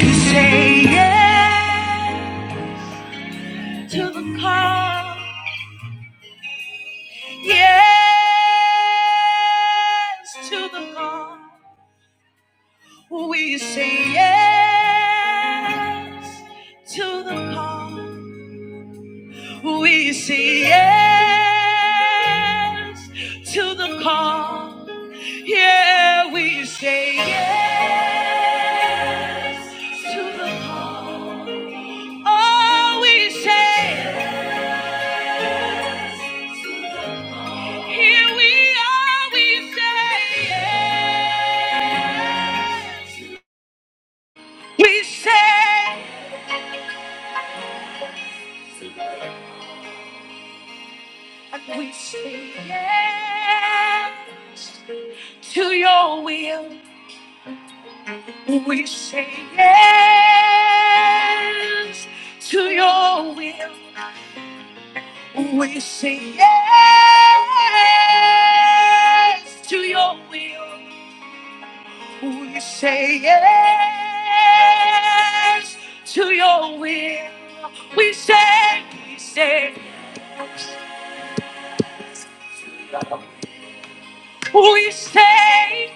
Say yeah to the call. Yes to the call. We say yes to the call. We say yes to the call. Yeah, we say yes to the call. Oh, we say Here we are, we say yes. We say, we say yes to your will. We say yes to your will. We say yes to your will. Will you say yes to your will? We say, we say, yes. we say,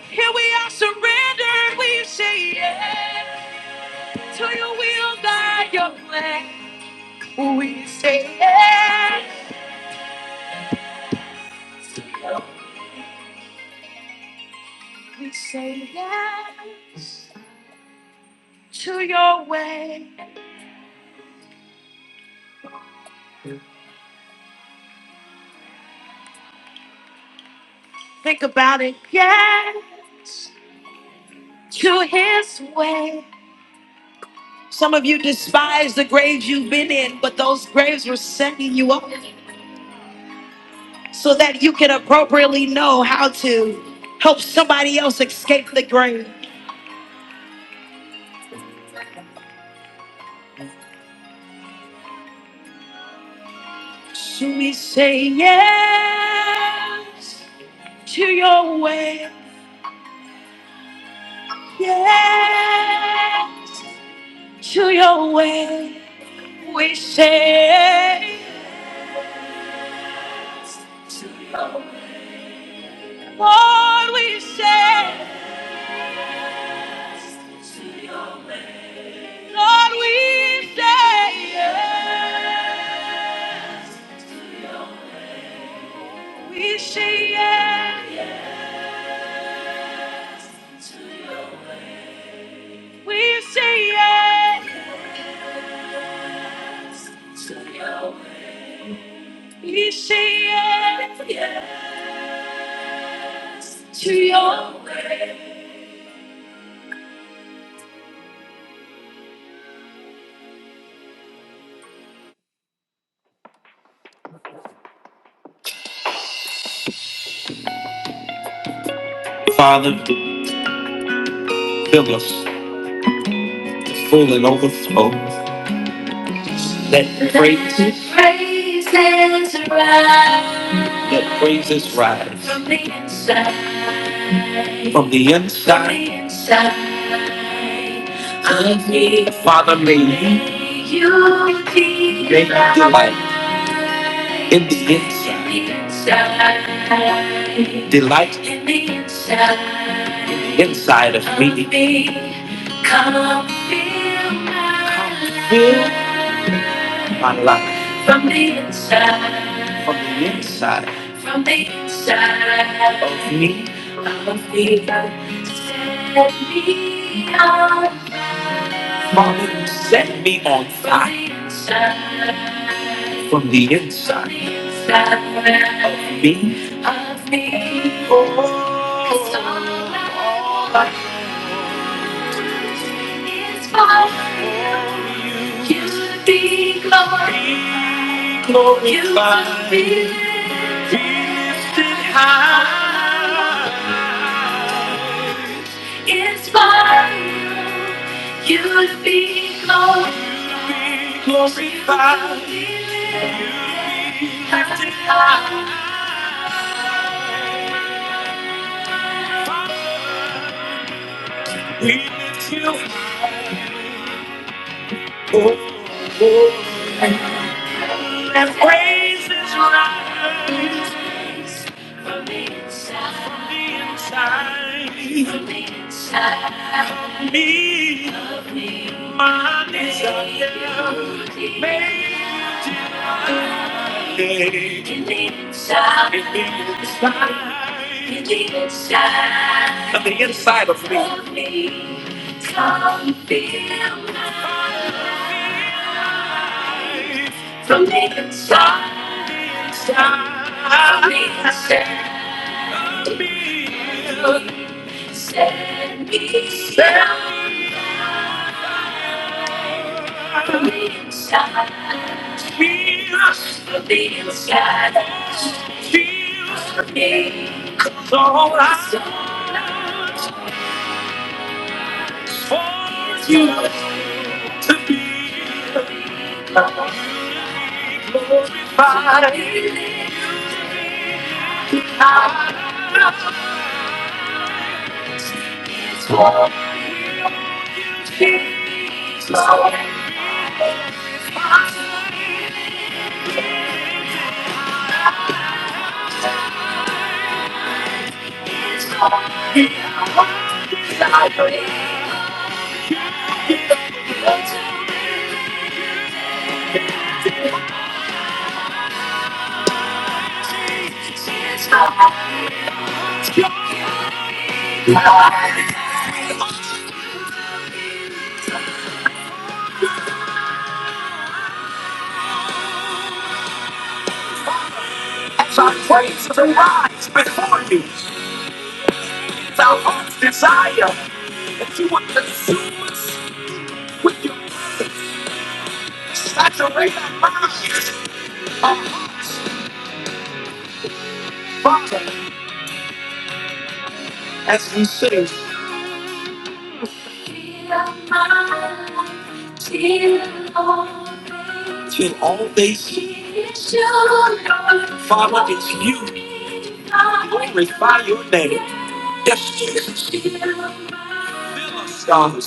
here we are surrendered. We say yes to your will, God, your plan. We say yes, we say yes to your way. Think about it, yes to his way. Some of you despise the graves you've been in, but those graves were setting you up so that you can appropriately know how to help somebody else escape the grave. So we say yes to your way. Yes to your way. We say, Lord, we say, Lord, we say, yes. we say yes. We say yes. to your way. We say yes. yes To your way. Father, fill us to full and overflow. Let praises, praises rise. Let praises rise from the inside. From the inside. From the inside of me. Father, may May you delight. May you delight in the inside. In the inside. Delight in the inside. In the inside of me. Of me. Come feel my Come feel my life From the inside, from the inside from the inside of me. of me, set me on Father, fire. Father, you set me on fire From the inside, from the inside, from the inside of me. of me, Oh, 'cause all I it's fine. You will be glorified. Be glorified. You will be Be lifted high. It's fine. You will be glorified. Be glorified. You will be lifted high. We lift you And praises rise from the inside. From the inside me, my desire. made you delight in the inside, in the inside, in the inside, on the inside of me. Come fill my life from the inside. the inside, From the inside. Set me, set me, set me, from the inside. Heals from the inside. Heals from me. all I want for you to be glorified. I just want you to glorify. me. Father, As we sing. Till all things. Father, it's you. Glorify your name. Yes, Jesus. Fill us, God.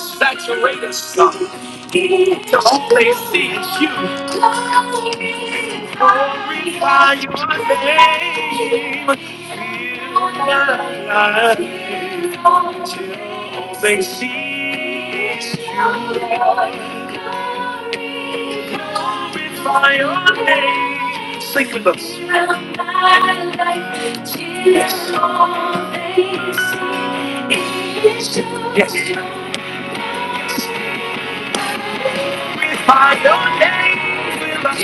Saturate us, God. Till all things see it's you. Glorify your name. Not till they see it's true. glorify your name. Sing with us. Yes. Glorify your name with us.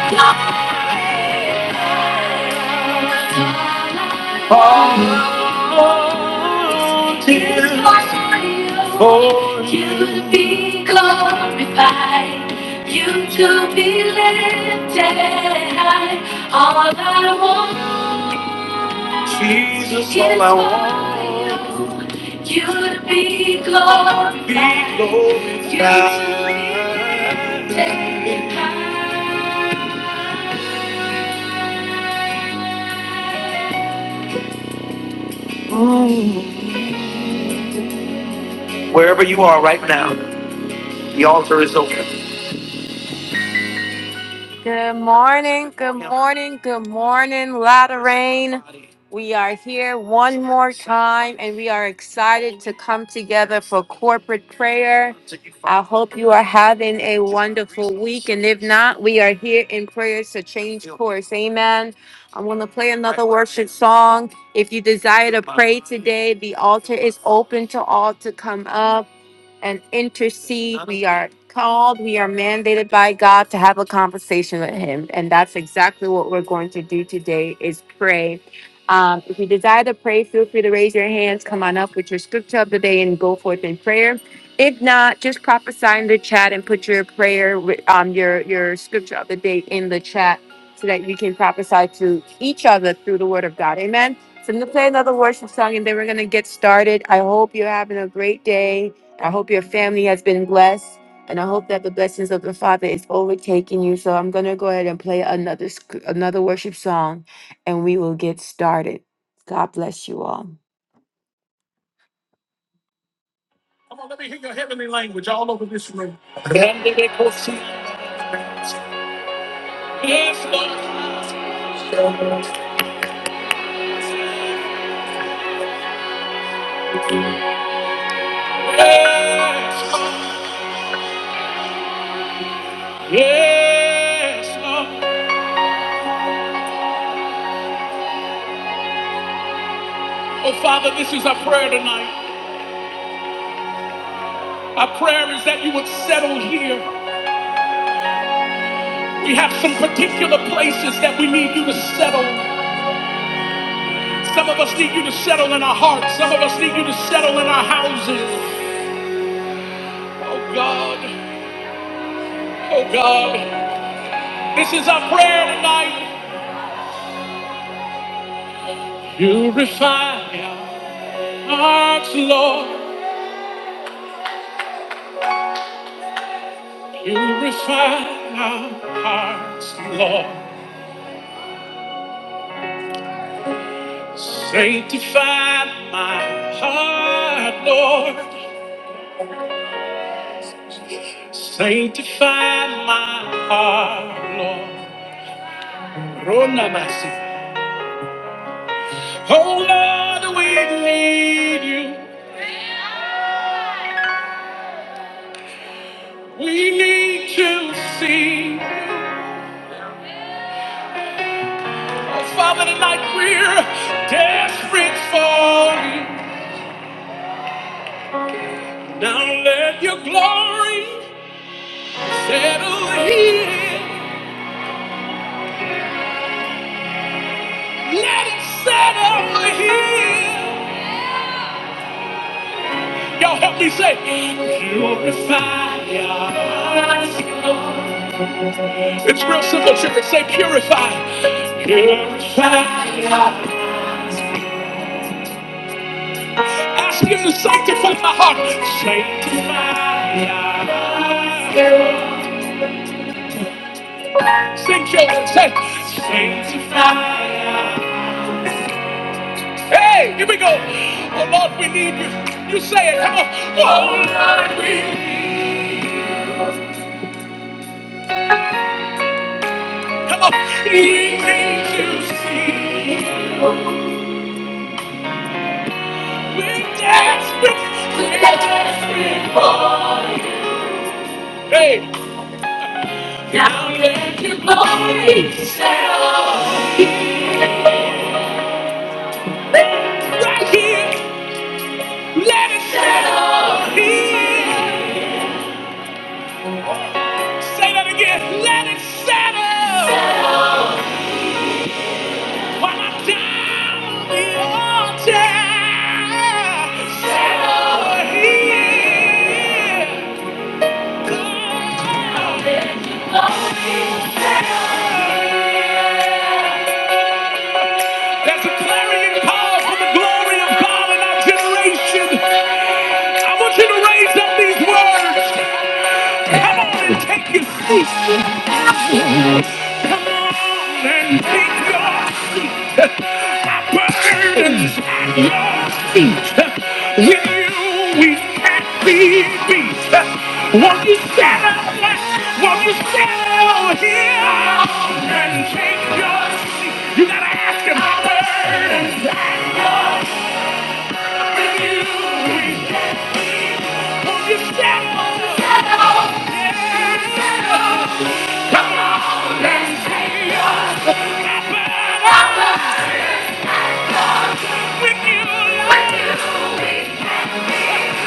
Oh, Jesus, for you to be glorified, you to be lifted high. All I want. Jesus, all I want. You to be glorified. Be glorified. Wherever you are right now, the altar is open. Good morning, good morning, good morning, Laterain. We are here one more time and we are excited to come together for corporate prayer. I hope you are having a wonderful week. And if not, we are here in prayers to change course. Amen. I'm going to play another worship song. If you desire to pray today, the altar is open to all to come up and intercede. We are called, we are mandated by God to have a conversation with Him. And that's exactly what we're going to do today is pray. Um, if you desire to pray, feel free to raise your hands, come on up with your scripture of the day and go forth in prayer. If not, just prophesy in the chat and put your prayer, um, your, your scripture of the day in the chat so that we can prophesy to each other through the word of God. Amen. So I'm going to play another worship song and then we're going to get started. I hope you're having a great day. I hope your family has been blessed, and I hope that the blessings of the Father is overtaking you. So I'm gonna go ahead and play another sc- another worship song, and we will get started. God bless you all. Oh Father, this is our prayer tonight. Our prayer is that you would settle here. We have some particular places that we need you to settle. Some of us need you to settle in our hearts. Some of us need you to settle in our houses. Oh God, oh God, this is our prayer tonight. You refine. hearts, Lord. Purify our hearts, Lord. Sanctify my heart, Lord. Sanctify my heart, Lord. Ronamasi. Oh, Lord, we need you. We need to see. you. Oh, Father, tonight we're desperate for you. Now let your glory settle here. Let it settle here. Y'all help me say, purify us. It's real simple, church. Say, purify. Purify. us. Ask Him to sanctify my heart. Sanctify. us. Sing, children. Say, sanctify. us. Hey, here we go. Oh Lord, we need you. You say it. Come on. Oh Lord, we need you. Come on. We need to see. There's a clarion call for the glory of God in our generation. I want you to raise up these words. Come on and take your seat. Come on and take your seat. My burdens at your feet. With you we can't be beat. Won't you settle? Won't you settle here? Come on and take your seat. You gotta ask him. My burdens at your feet. With you we can't be beat. Won't you settle? Settle. Yeah.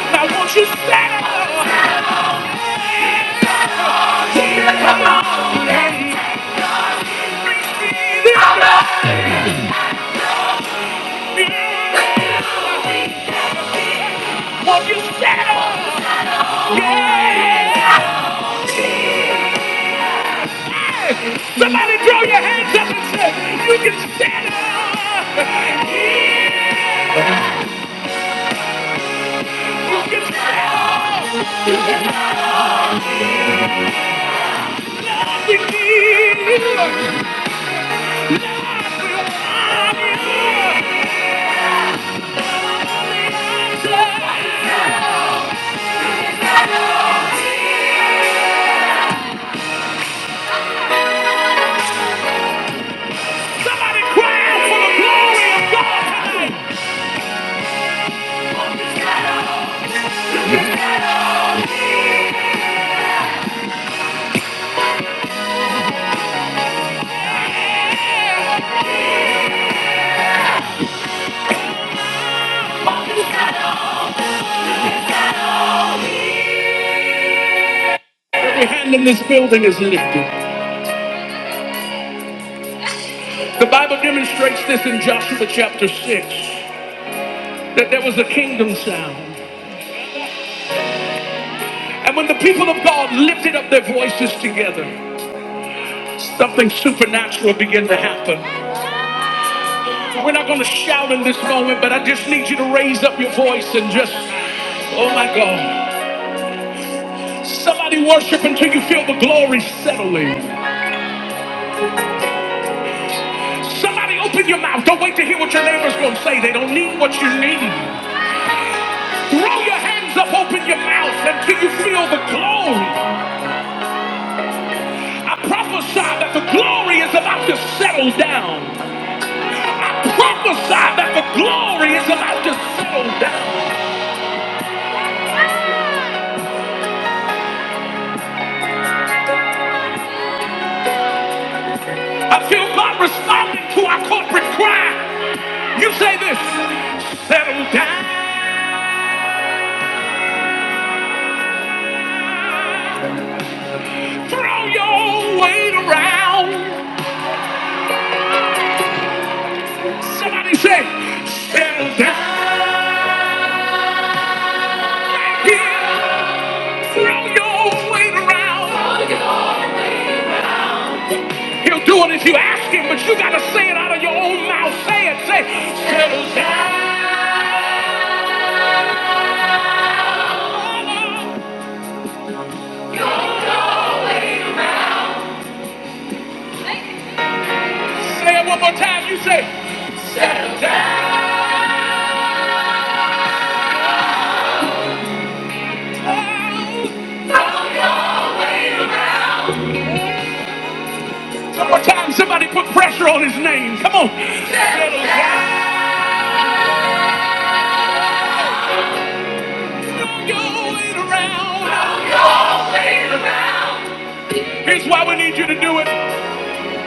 Now won't you settle? Somebody throw your hands up and say, you can stand up. Yeah, we need you. God will honor you. Somebody cry out for the glory of God. Every hand in this building is lifted. The Bible demonstrates this in Joshua chapter 6, that there was a kingdom sound. And when the people of God lifted up their voices together, something supernatural began to happen. We're not going to shout in this moment, but I just need you to raise up your voice and just, oh my God. Somebody worship until you feel the glory settling. Somebody open your mouth. Don't wait to hear what your neighbor's going to say. They don't need what you need. Throw your hands up, open your mouth until you feel the glory. I prophesy that the glory is about to settle down. I prophesy that the glory is about to settle down. I feel God responding to our corporate cry. You say this settle down, throw your weight around. Somebody say, settle down. Right here. throw your weight around. He'll do it if you ask him, but you gotta say it out of your own mouth. Say it, say, settle down. Say it one more time. You say, settle down. One more time, somebody put pressure on his name. Come on. Don't go waiting around. Don't go wait around. Here's why we need you to do it.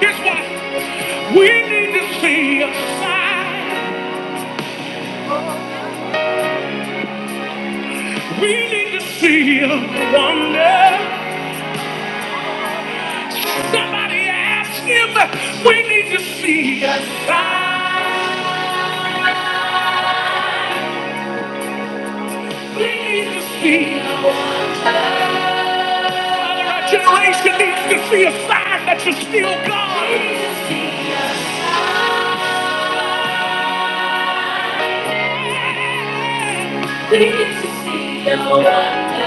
Here's why. We need to see a sign. We need to see a wonder. Somebody ask him. We need to see a sign. We need to see. Our generation needs to see a sign that you're still God. Pleased to see your wonder.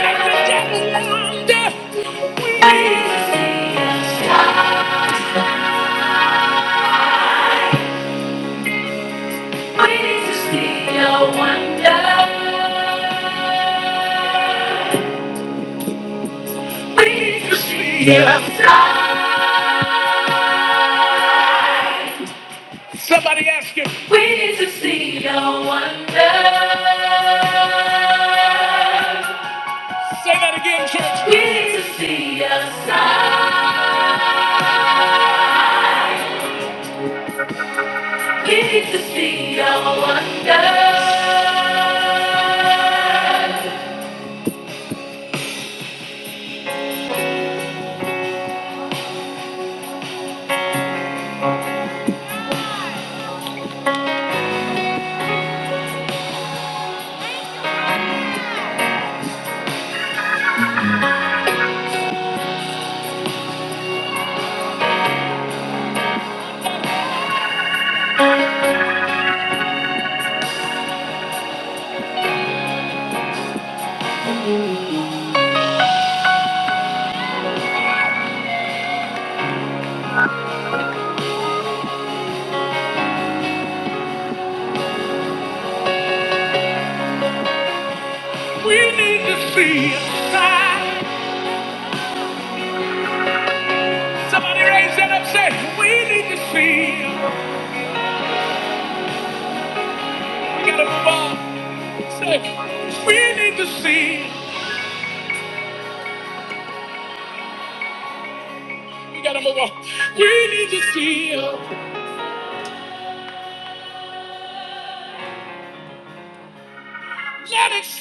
Every day we wonder. to see your shine. Pleased to see your wonder. Pleased to see your shine. Somebody ask him. Pleased to see your wonder. Say that again, church. We Need to see a sign. We Need to see a wonder. We need to see a sign. Somebody raise that up, say, we need to see. We gotta move on. Say, we need to see. We gotta move on. We need to see. Let it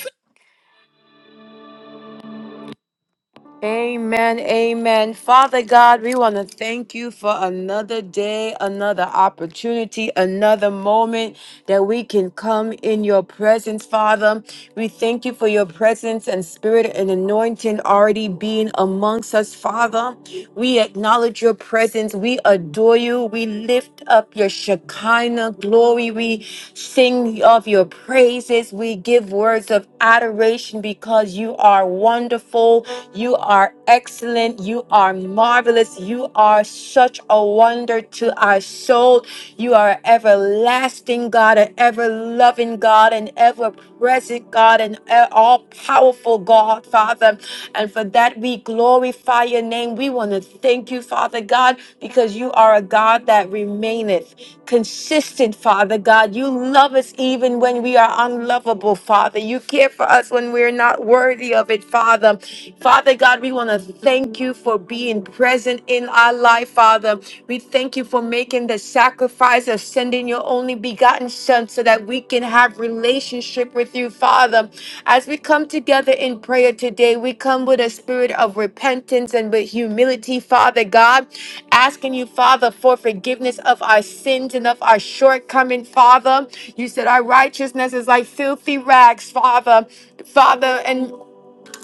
Amen, amen. Father God, we want to thank you for another day, another opportunity, another moment that we can come in your presence, Father. We thank you for your presence and spirit and anointing already being amongst us, Father. We acknowledge your presence. We adore you. We lift up your Shekinah glory. We sing of your praises. We give words of adoration because you are wonderful wonderful. You are excellent. You are marvelous. You are such a wonder to our soul. You are everlasting God, an ever loving God, an ever present God, an all powerful God, Father. And for that, we glorify your name. We want to thank you, Father God, because you are a God that remaineth consistent, Father God. You love us even when we are unlovable, Father. You care for us when we're not worthy of it, Father. Father. Father God, we want to thank you for being present in our life, Father. We thank you for making the sacrifice of sending your only begotten Son so that we can have relationship with you, Father. As we come together in prayer today, we come with a spirit of repentance and with humility, Father God, asking you, Father, for forgiveness of our sins and of our shortcoming, Father. You said our righteousness is like filthy rags, Father. Father, and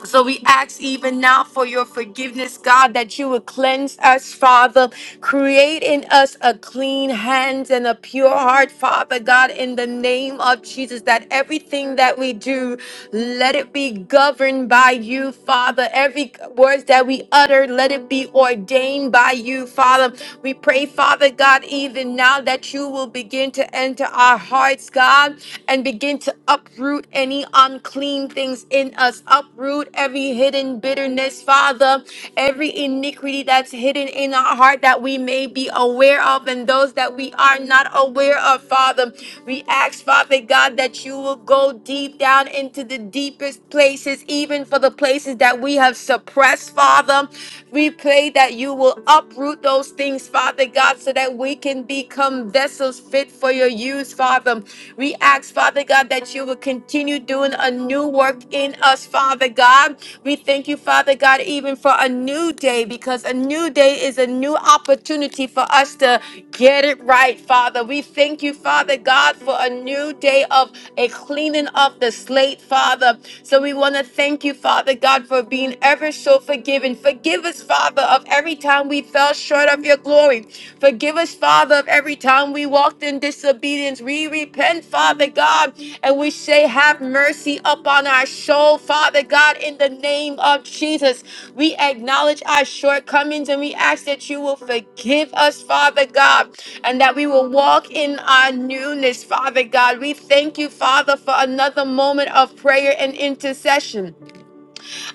so we ask even now for your forgiveness, God, that you would cleanse us, Father. Create in us a clean hands and a pure heart, Father God, in the name of Jesus, that everything that we do, let it be governed by you, Father. Every words that we utter, let it be ordained by you, Father. We pray, Father God, even now that you will begin to enter our hearts, God, and begin begin to uproot any unclean things in us, uproot every hidden bitterness, Father, every iniquity that's hidden in our heart that we may be aware of, and those that we are not aware of, Father. We ask, Father God, that you will go deep down into the deepest places, even for the places that we have suppressed, Father. We pray that you will uproot those things, Father God, so that we can be become vessels fit for your use, Father. We ask, Father God, that you will continue doing a new work in us, Father God. We thank you, Father God, even for a new day, because a new day is a new opportunity for us to get it right, Father. We thank you, Father God, for a new day of a cleaning of the slate, Father. So we want to thank you, Father God, for being ever so forgiving. Forgive us, Father, of every time we fell short of your glory. Forgive us, Father, of every time we walked in disobedience. We repent, Father God, and we say, Have mercy upon our soul, Father God, in the name of Jesus. We acknowledge our shortcomings and we ask that you will forgive us, Father God, and that we will walk in our newness, Father God. We thank you, Father, for another moment of prayer and intercession.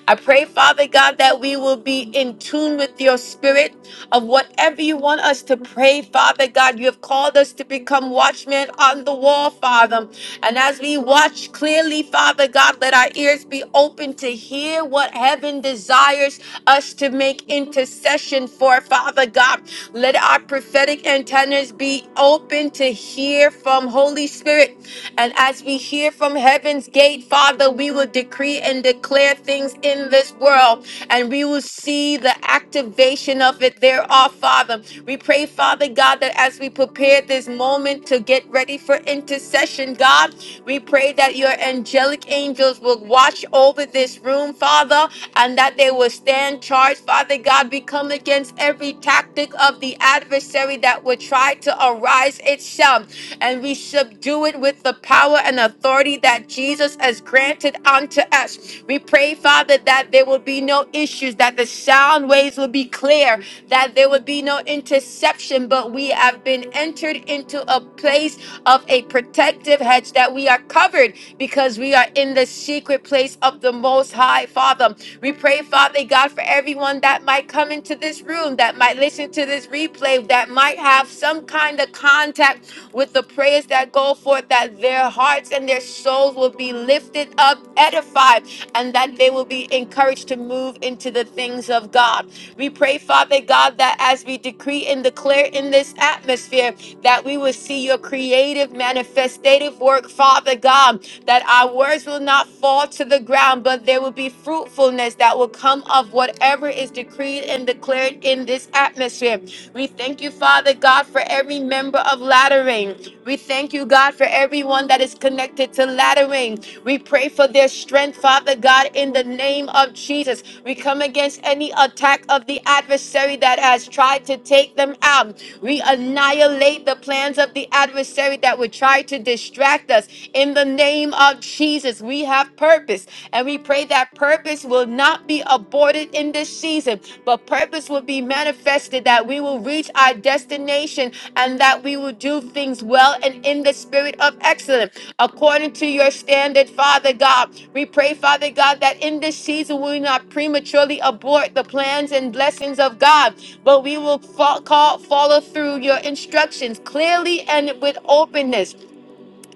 I pray, Father God, that we will be in tune with your spirit of whatever you want us to pray, Father God. You have called us to become watchmen on the wall, Father. And as we watch clearly, Father God, let our ears be open to hear what heaven desires us to make intercession for, Father God. Let our prophetic antennas be open to hear from Holy Spirit. And as we hear from heaven, heaven's gate, Father, we will decree and declare things in this world, and we will see the activation of it thereof, Father. We pray, Father God, that as we prepare this moment to get ready for intercession, God, we pray that your angelic angels will watch over this room, Father, and that they will stand charged, Father God. We come against every tactic of the adversary that would try to arise itself kingdom, and we subdue it with the power and authority that Jesus has granted unto us. We pray, Father, that there will be no issues, that the sound waves will be clear, that there would be no interception, but we have been entered into a place of a protective hedge that we are covered because we are in the secret place of the Most High, Father. We pray, Father God, for everyone that might come into this room, that might listen to to this replay that might have some kind of contact with the prayers that go forth, that their hearts and their souls will be lifted up, edified, and that they will be encouraged to move into the things of God. We pray, Father God, that as we decree and declare in this atmosphere, that we will see your creative, manifestative work, Father God, that our words will not fall to the ground, but there will be fruitfulness that will come realm of whatever is decreed and declared in this atmosphere. We thank you, Father God, for every member of Lattering. We thank you, God, for everyone that is connected to Lattering. We pray for their strength, Father God, in the name of Jesus. We come against any attack of the adversary that has tried to take them out. We annihilate the plans of the adversary that would try to distract us in the name of Jesus. We have have purpose. And we pray that purpose will not be aborted in this season, but purpose will be manifested that we will reach our destination and that we will do things well and in the spirit of excellence according to your standard, Father God. We pray, Father God, that in this season we will not prematurely abort the plans and blessings of God, but we will fo- call, follow through your instructions clearly and with openness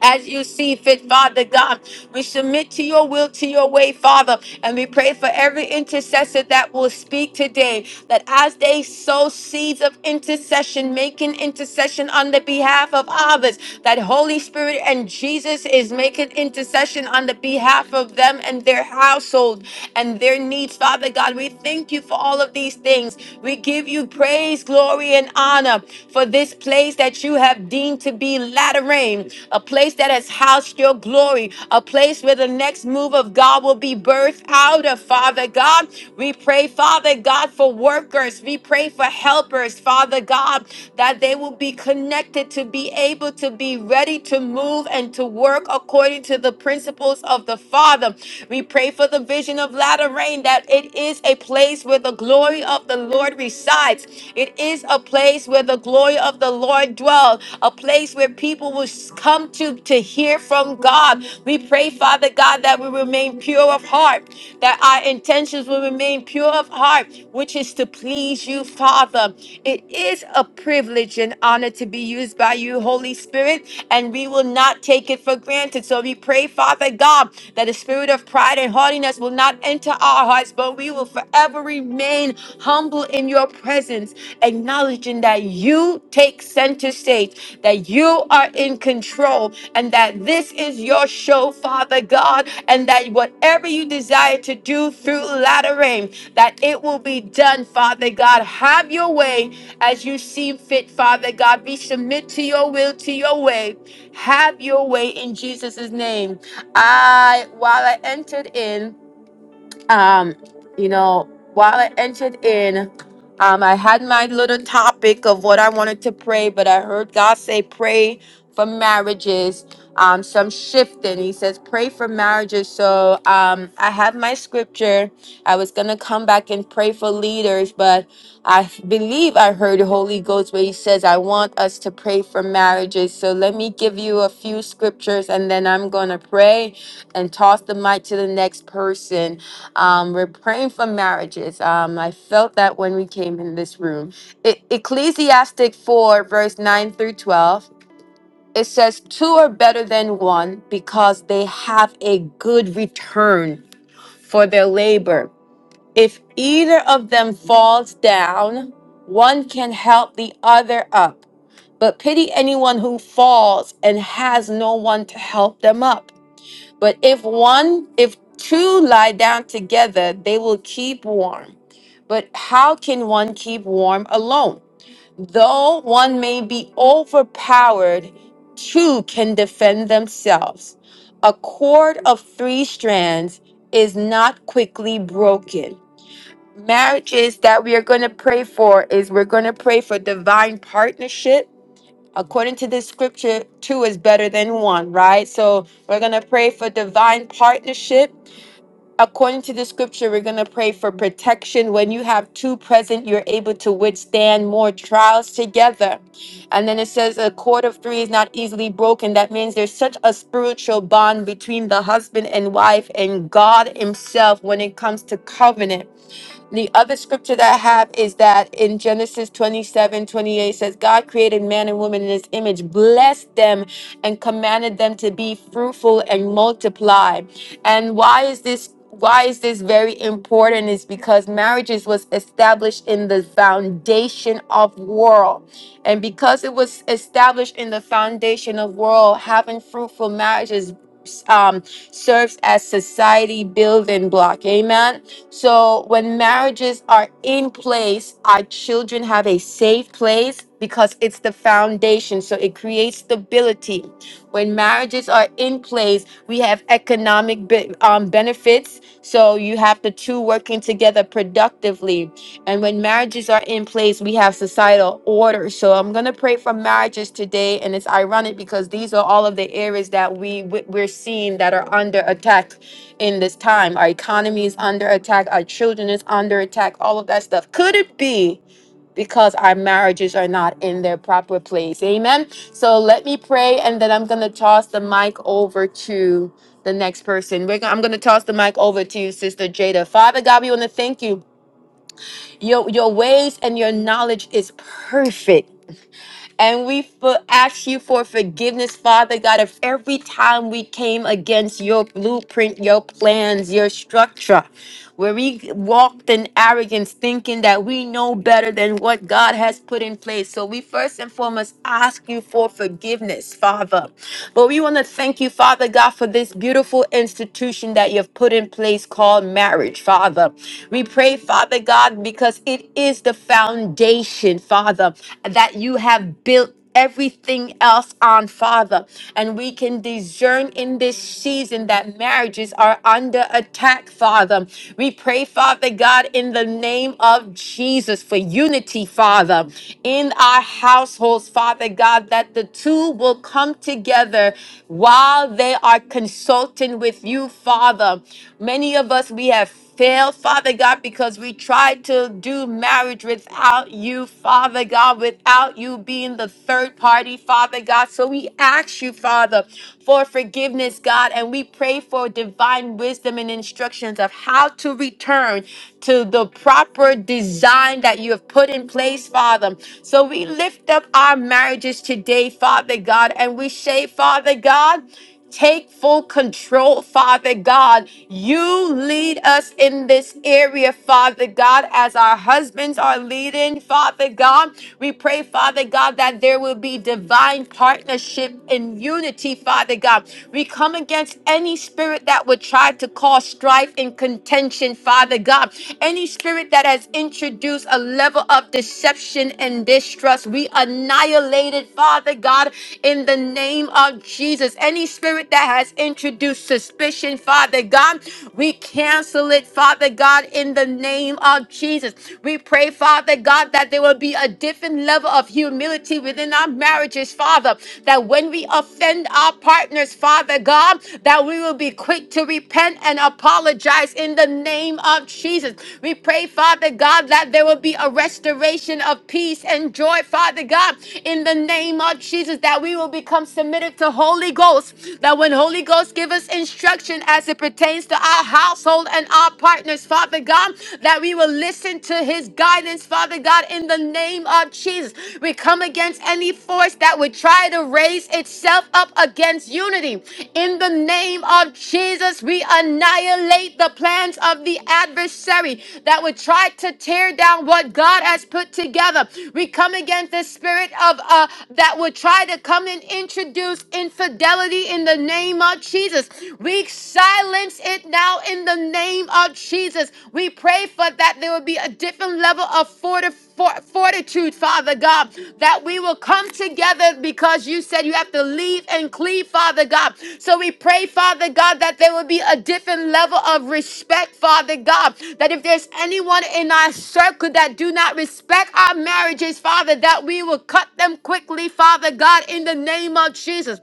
as you see fit, Father God. We submit to your will, to your way, Father. And we pray for every intercessor that will speak today, that as they sow seeds of intercession, making intercession on the behalf of others, that Holy Spirit and Jesus is making intercession on the behalf of them and their household and their needs, Father God. We thank you for all of these things. We give you praise, glory glory and honor for this place that you have deemed to be latter a place that has housed your glory, a place where the next move of God will be birthed out of, Father God. We pray, Father God, for workers. We pray for helpers, Father God, that they will be connected to be able to be ready to move and to work according to the principles of the Father. We pray for the vision of Lateran latter rain that it is a place where the glory of the Lord resides. It is a place where the glory of the Lord dwells, a place where people will come to to hear from God. We pray, Father God, that we remain pure of heart, that our intentions will remain pure of heart, which is to please you, Father. It is a privilege and honor to be used by you, Holy Spirit, and we will not not take it for granted. So we pray, Father God, that the spirit of pride and haughtiness will not enter our hearts, but we will forever remain humble in your presence, acknowledging that you take center stage, that you are in control, and that this is your show, Father God, and that whatever you desire to do through latter rain, that it will be done, Father God. Have your way as you see fit, Father God. We submit to your will, to your way. Have your way in Jesus' name. I while I entered in, um, you know, while I entered in, um, I had my little topic of what I wanted to pray, but I heard God say pray for marriages. Um, so I'm shifting. He says pray for marriages. So um I have my scripture I was gonna come back and pray for leaders, but I f- believe I heard the Holy Ghost where He says, I want us to pray for marriages. So let me give you a few scriptures and then I'm gonna pray and toss the mic to the next person. Um, we're praying for marriages. Um, I felt that when we came in this room. E- Ecclesiastic 4, verse 9 through 12. It says, Two are better than one because they have a good return for their labor. If either of them falls down, one can help the other up. But pity anyone who falls and has no one to help them up. But if one, if two lie down together, they will keep warm. But how can one keep warm alone? Though one may be overpowered, two can defend themselves. A cord of three strands is not quickly broken marriages that we are going to pray for is we're going to pray for divine partnership according to this scripture two is better than one right so we're going to pray for divine partnership according to the scripture we're going to pray for protection when you have two present you're able to withstand more trials together and then it says a cord of three is not easily broken that means there's such a spiritual bond between the husband and wife and god himself when it comes to covenant the other scripture that I have is that in Genesis 27 28 says, God created man and woman in his image, blessed them, and commanded them to be fruitful and multiply. And why is this? Why is this very important? Is because marriages was established in the foundation of world. And because it was established in the foundation of world, having fruitful marriages um, serves as society building block. Amen so when marriages are in place, our children have a safe place because it's the foundation. So it creates stability. When marriages are in place, we have economic be- um, benefits. So you have the two working together productively. And when marriages are in place, we have societal order. So I'm going to pray for marriages today. And it's ironic because these are all of the areas that we, we- we're seeing that are under attack in this time. Our economy is under attack. Our children is under attack. All of that stuff. Could it be because our marriages are not in their proper place? Amen. So let me pray, and then I'm gonna toss the mic over to the next person. We're gonna, I'm gonna toss the mic over to you, Sister Jada. Father God, we wanna thank you. Your your ways and your knowledge is perfect. And we for, ask you for forgiveness, Father God, of every time we came against your blueprint, your plans, your structure, where we walked in arrogance, thinking that we know better than what God has put in place. So we first and foremost ask you for forgiveness, Father. But we want to thank you, Father God, for this beautiful institution that you've put in place called marriage, Father. We pray, Father God, because it is the foundation, Father. Father, that you have built everything else on Father. And we can discern in this season that marriages are under attack, Father. We pray, Father God, in the name of Jesus for unity, Father, in our households, Father God, that the two will come together while they are consulting with you, Father. Many of us, we have failed, Father God, because we tried to do marriage without you, Father God, without you being the third party, Father God. So we ask you, Father, for forgiveness, God, and we pray for divine wisdom and instructions of how to return to the proper design that you have put in place, Father. So we lift up our marriages today, Father God, and we say, Father God, Take full control, Father God. You lead us in this area, Father God, as our husbands are leading, Father God. We pray, Father God, that there will be divine partnership and unity, Father God. We come against any spirit that would try to cause strife and contention, Father God. Any spirit that has introduced a level of deception and distrust, we annihilate it, Father God, in the name of Jesus. Any any spirit that has introduced suspicion, Father God, we cancel it, Father God, in the name of Jesus. We pray, Father God, that there will be a different level of humility within our marriages, Father, that when we offend our partners, Father God, that we will be quick to repent and apologize in the name of Jesus. We pray, Father God, that there will be a restoration of peace and joy, Father God, in the name of Jesus, that we will become submitted to Holy Ghost. Ghost, that when Holy Ghost give us instruction as it pertains to our household and our partners, Father God, that we will listen to his guidance, Father God, in the name of Jesus. We come against any force that would try to raise itself up against unity. In the name of Jesus, we annihilate the plans of the adversary that would try to tear down what God has put together. We come against the spirit of uh, that would try to come and introduce infidelity infidelity in the name of Jesus. We silence it now in the name of Jesus. We pray for that there will be a different level of forti- for- fortitude, Father God, that we will come together because you said you have to leave and cleave, Father God. So we pray, Father God, that there will be a different level of respect, Father God, that if there's anyone in our circle that do not respect our marriages, Father, that we will cut them quickly, Father God, in the name of Jesus.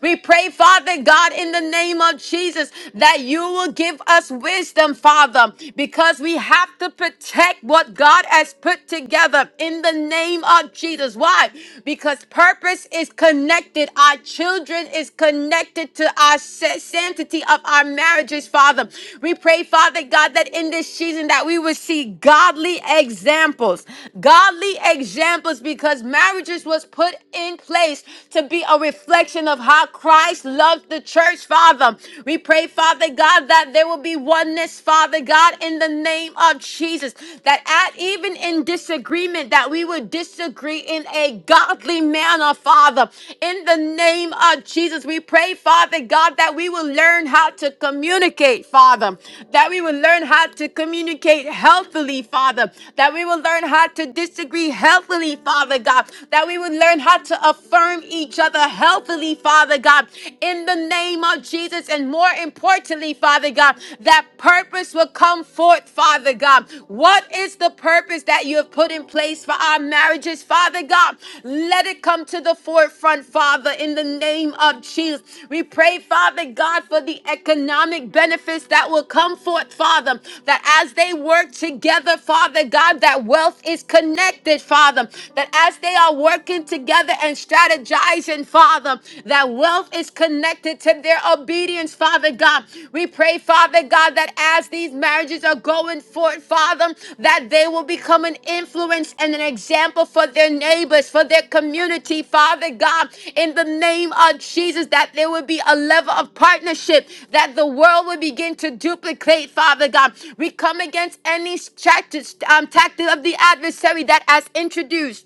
We pray, Father God, in the name of Jesus, that you will give us wisdom, Father, because we have to protect what God has put together in the name of Jesus. Why? Because purpose is connected. Our children is connected to our sa- sanctity of our marriages, Father. We pray, Father God, that in this season that we will see godly examples, godly examples, because marriages was put in place to be a a reflection of how Christ loved the church, Father. We pray, Father God, that there will be oneness, Father God, in the name of Jesus. That at even in disagreement, that we would disagree in a godly manner, Father. In the name of Jesus, we pray, Father God, that we will learn how to communicate, Father. That we will learn how to communicate healthily, Father. That we will learn how to disagree healthily, Father God. That we will learn how to affirm each other healthily, Father God, in the name of Jesus. And more importantly, Father God, that purpose will come forth, Father God. What is the purpose that you have put in place for our marriages, Father God? Let it come to the forefront, Father, in the name of Jesus. We pray, Father God, for the economic benefits that will come forth, Father, that as they work together, Father God, that wealth is connected, Father, that as they are working, working together and strategizing, Father, that wealth is connected to their obedience, Father God. We pray, Father God, that as these marriages are going forth, Father, that they will become an influence and an example for their neighbors, for their community, Father God, in the name of Jesus, that there would be a level of partnership that the world would begin to duplicate, Father God. We come against any tactics, um, tactic of the adversary that has introduced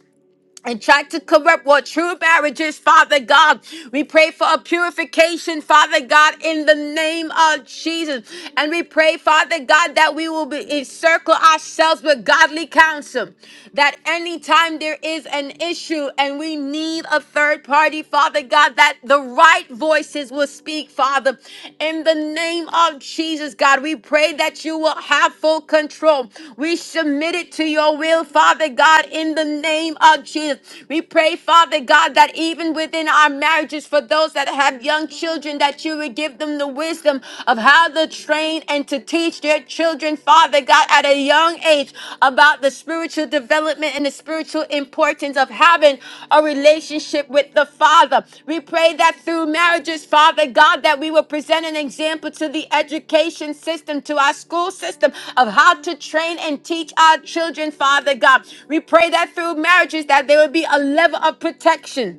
and try to corrupt what true marriage is, Father God. We pray for a purification, Father God, in the name of Jesus. And we pray, Father God, that we will be encircle ourselves with godly counsel. That anytime there is an issue and we need a third party, Father God, that the right voices will speak, Father. Father. In the name of Jesus, God, we pray that you will have full control. We submit it to your will, Father God, in the name of Jesus. We pray, Father God, that even within our marriages, for those that have young children, that you would give them the wisdom of how to train and to teach their children, Father God, at a young age age about the spiritual development and the spiritual importance of having a relationship with the Father. We pray that through marriages, Father God, that we will present an example to the education system, to our school system of how to train and teach our children, Father God. We pray that through marriages that there will be a level of protection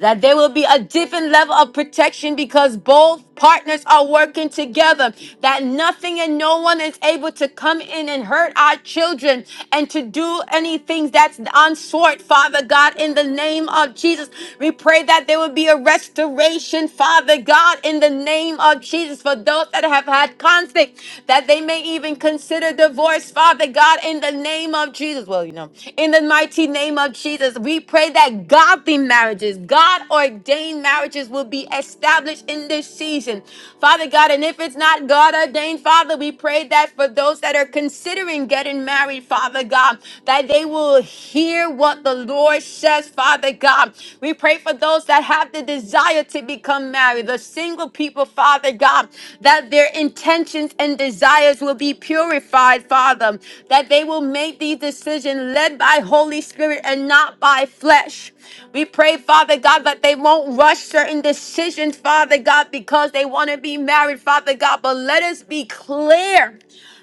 that there will be a different level of protection because both partners are working together, that nothing and no one is able to come in and hurt our children and to do anything that's unsought, Father God, in the name of Jesus. We pray that there will be a restoration, Father God, in the name of Jesus, for those that have had conflict, that they may even consider consider divorce, Father God, in the name of Jesus. Well, you know, in the mighty name of Jesus, we pray that godly marriages, God ordained marriages will be established in this season. Father God, and if it's not God ordained, Father, we pray that for those that are considering getting married, Father God, that they will hear what the Lord says, Father God. We pray pray for those that have the desire to become married, the single people, Father God, that their intentions and desires will be purified, Father, that they will make these decisions led by Holy Spirit and not by flesh. We pray, Father God, that they won't rush certain decisions, Father God, because they want to be married, Father God, but let us be clear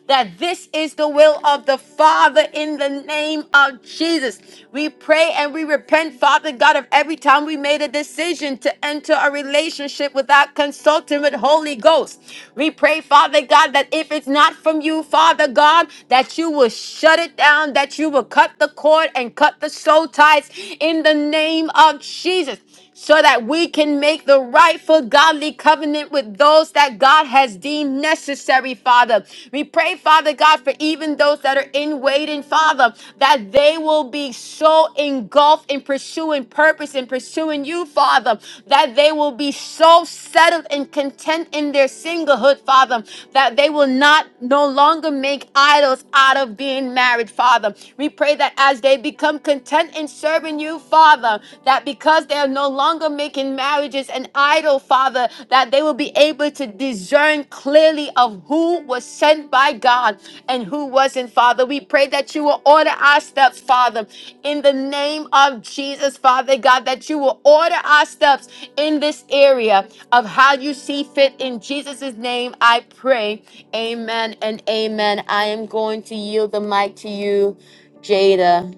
that this is the will of the Father in the name of Jesus. We pray and we repent, Father God, of every time we made a decision to enter a relationship without consulting with Holy Ghost. We pray, Father God, that if it's not from you, Father God, that you will shut it down, that you will cut the cord and cut the soul ties in the name of Jesus so that we can make the rightful godly covenant with those that God has deemed necessary, Father. We pray, Father God, for even those that are in waiting, Father, that they will be so engulfed in pursuing purpose and pursuing you, Father, that they will be so settled and content in their singlehood, Father, that they will not no longer make idols out of being married, Father. We pray that as they become content in serving you, you, Father, that because they are no longer making marriages an idol, Father, that they will be able to discern clearly of who was sent by God and who wasn't, Father. We pray that you will order our steps, Father, in the name of Jesus, Father God, that you will order our steps in this area of how you see fit. In Jesus' name, I pray. Amen and amen. I am going to yield the mic to you, Jada.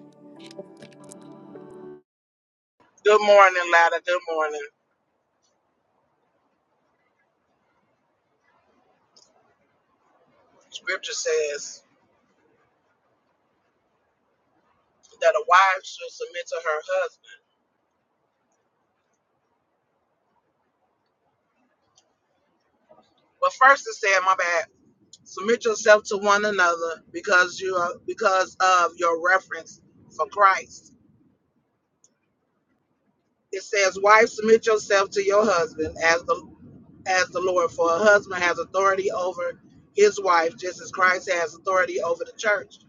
Good morning, Lada. Good morning. Scripture says that a wife should submit to her husband. But first it said, my bad, submit yourself to one another because you are because of your reference for Christ. It says, wife, submit yourself to your husband as the as the Lord, for a husband has authority over his wife, just as Christ has authority over the church.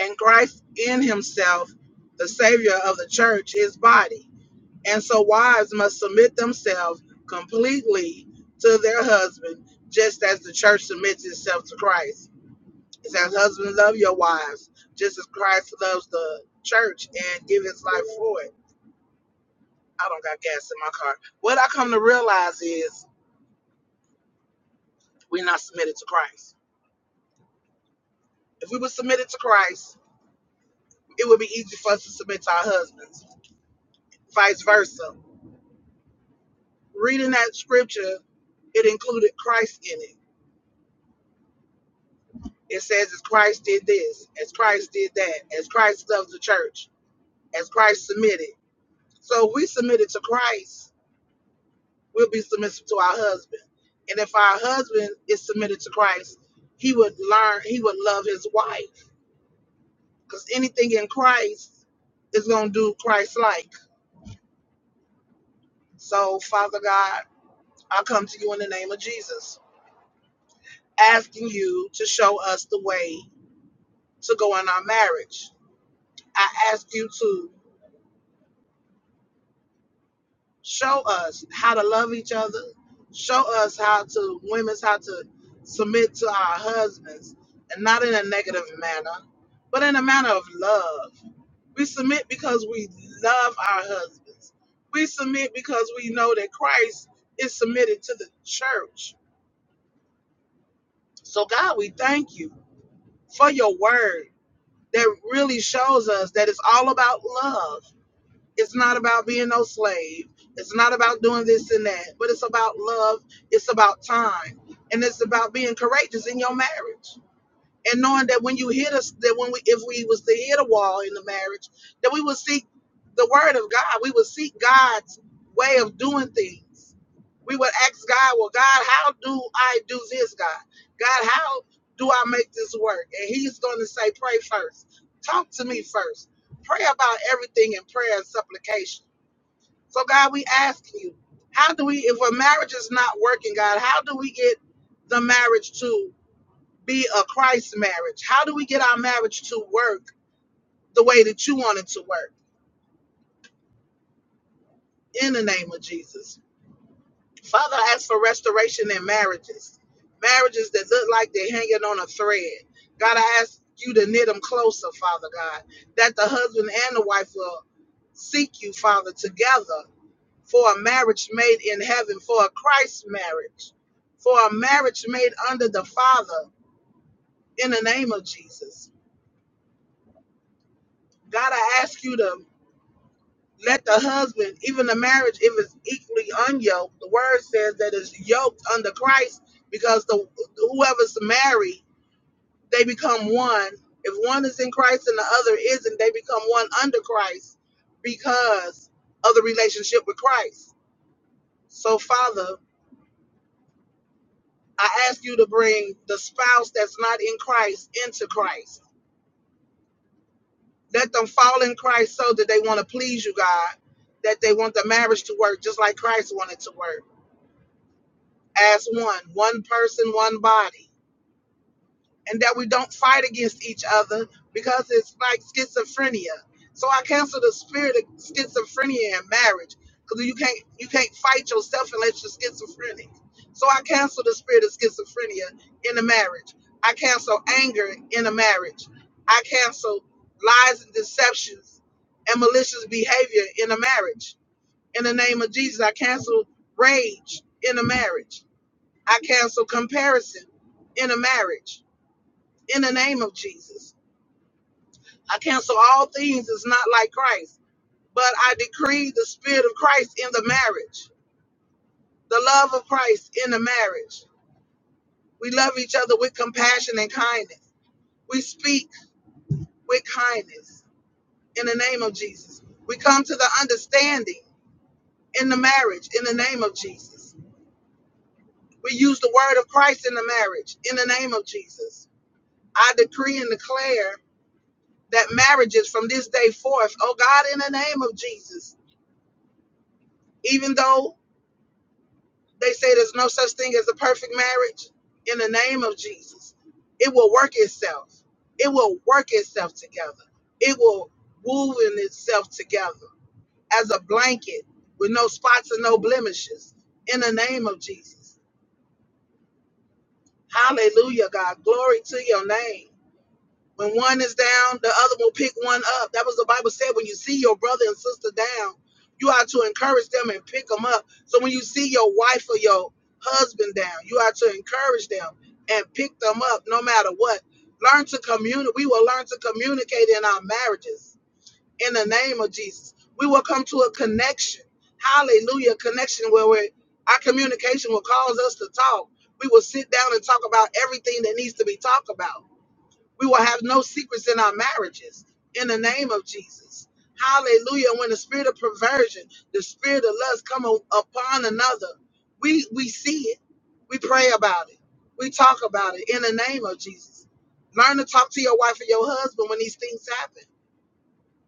And Christ in himself, the savior of the church, his body. And so wives must submit themselves completely to their husband, just as the church submits itself to Christ. It says, Husbands, love your wives, just as Christ loves the church and give his life for it. I don't got gas in my car. What I come to realize is we're not submitted to Christ. If we were submitted to Christ, it would be easy for us to submit to our husbands, vice versa. Reading that scripture, it included Christ in it It says, as Christ did this, as Christ did that, as Christ loves the church, as Christ submitted. So if we submitted to Christ, we'll be submissive to our husband. And if our husband is submitted to Christ, he would learn, he would love his wife. Because anything in Christ is going to do Christ like. So, Father God, I come to you in the name of Jesus, asking you to show us the way to go in our marriage. I ask you to Show us how to love each other. Show us how to women's how to submit to our husbands, and not in a negative manner, but in a manner of love. We submit because we love our husbands. We submit because we know that Christ is submitted to the church. So God, we thank you for your word that really shows us that it's all about love It's not about being no slave. It's not about doing this and that, but it's about love. It's about time. And it's about being courageous in your marriage and knowing that when you hit us, that when we, if we was to hit a wall in the marriage, that we would seek the word of God. We would seek God's way of doing things. We would ask God, well, God, how do I do this, God? God, how do I make this work? And he's going to say, pray first. Talk to me first. Pray about everything in prayer and supplication. So, God, we asking you, how do we, if a marriage is not working, God, how do we get the marriage to be a Christ marriage? How do we get our marriage to work the way that you want it to work? In the name of Jesus. Father, I ask for restoration in marriages, marriages that look like they're hanging on a thread. God, I ask you to knit them closer, Father God, that the husband and the wife will seek you, Father, together for a marriage made in heaven, for a Christ marriage, for a marriage made under the Father in the name of Jesus. God, I ask you to Let the husband, even the marriage, if it's equally unyoked, the word says that it's yoked under Christ because the whoever's married, they become one. If one is in Christ and the other isn't, they become one under Christ because of the relationship with Christ. So, Father, I ask you to bring the spouse that's not in Christ into Christ. Let them fall in Christ so that they want to please you, God, that they want the marriage to work just like Christ wanted to work as one, one person, one body, and that we don't fight against each other because it's like schizophrenia. So I cancel the spirit of schizophrenia in marriage because you can't you can't fight yourself unless you're schizophrenic. So I cancel the spirit of schizophrenia in a marriage. I cancel anger in a marriage. I cancel lies and deceptions and malicious behavior in a marriage. In the name of Jesus, I cancel rage in a marriage. I cancel comparison in a marriage in the name of Jesus. I cancel all things that's not like Christ, but I decree the spirit of Christ in the marriage, the love of Christ in the marriage. We love each other with compassion and kindness. We speak with kindness in the name of Jesus. We come to the understanding in the marriage in the name of Jesus. We use the word of Christ in the marriage in the name of Jesus. I decree and declare that marriages from this day forth, oh God, in the name of Jesus, even though they say there's no such thing as a perfect marriage, in the name of Jesus, it will work itself. It will work itself together. It will move in itself together as a blanket with no spots and no blemishes, in the name of Jesus. Hallelujah, God. Glory to your name. When one is down, the other will pick one up. That was the Bible said. When you see your brother and sister down, you are to encourage them and pick them up. So when you see your wife or your husband down, you are to encourage them and pick them up no matter what. Learn to communicate. We will learn to communicate in our marriages in the name of Jesus. We will come to a connection. Hallelujah. Connection where we're, our communication will cause us to talk. We will sit down and talk about everything that needs to be talked about we will have no secrets in our marriages in the name of Jesus. Hallelujah. When the spirit of perversion, the spirit of lust come o- upon another, we we see it. We pray about it. We talk about it in the name of Jesus. Learn to talk to your wife and your husband when these things happen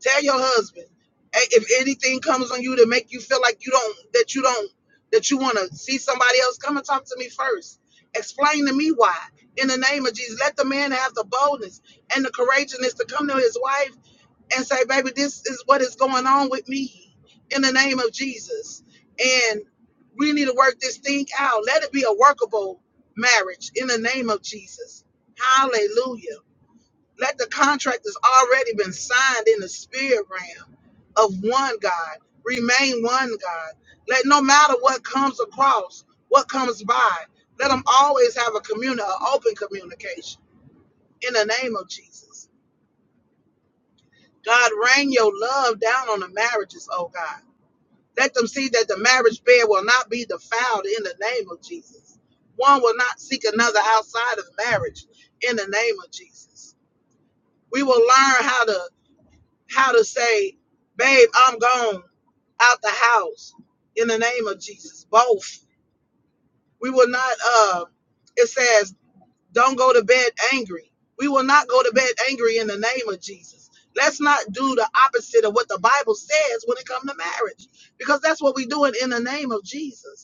Tell your husband "Hey, if anything comes on you to make you feel like you don't that you don't that you want to see somebody else, come and talk to me first. Explain to me why. In the name of Jesus, let the man have the boldness and the courageousness to come to his wife and say, "Baby, this is what is going on with me." In the name of Jesus, and we need to work this thing out. Let it be a workable marriage. In the name of Jesus, Hallelujah. Let the contract that's already been signed in the spirit realm of one God remain one God. Let no matter what comes across, what comes by, let them always have a communi- an open communication in the name of Jesus. God, rain your love down on the marriages, oh God. Let them see that the marriage bed will not be defiled in the name of Jesus. One will not seek another outside of marriage in the name of Jesus. We will learn how to how to say, babe, I'm gone out the house in the name of Jesus. Both. We will not uh it says don't go to bed angry. We will not go to bed angry in the name of Jesus. Let's not do the opposite of what the Bible says when it comes to marriage, because that's what we're doing in the name of Jesus.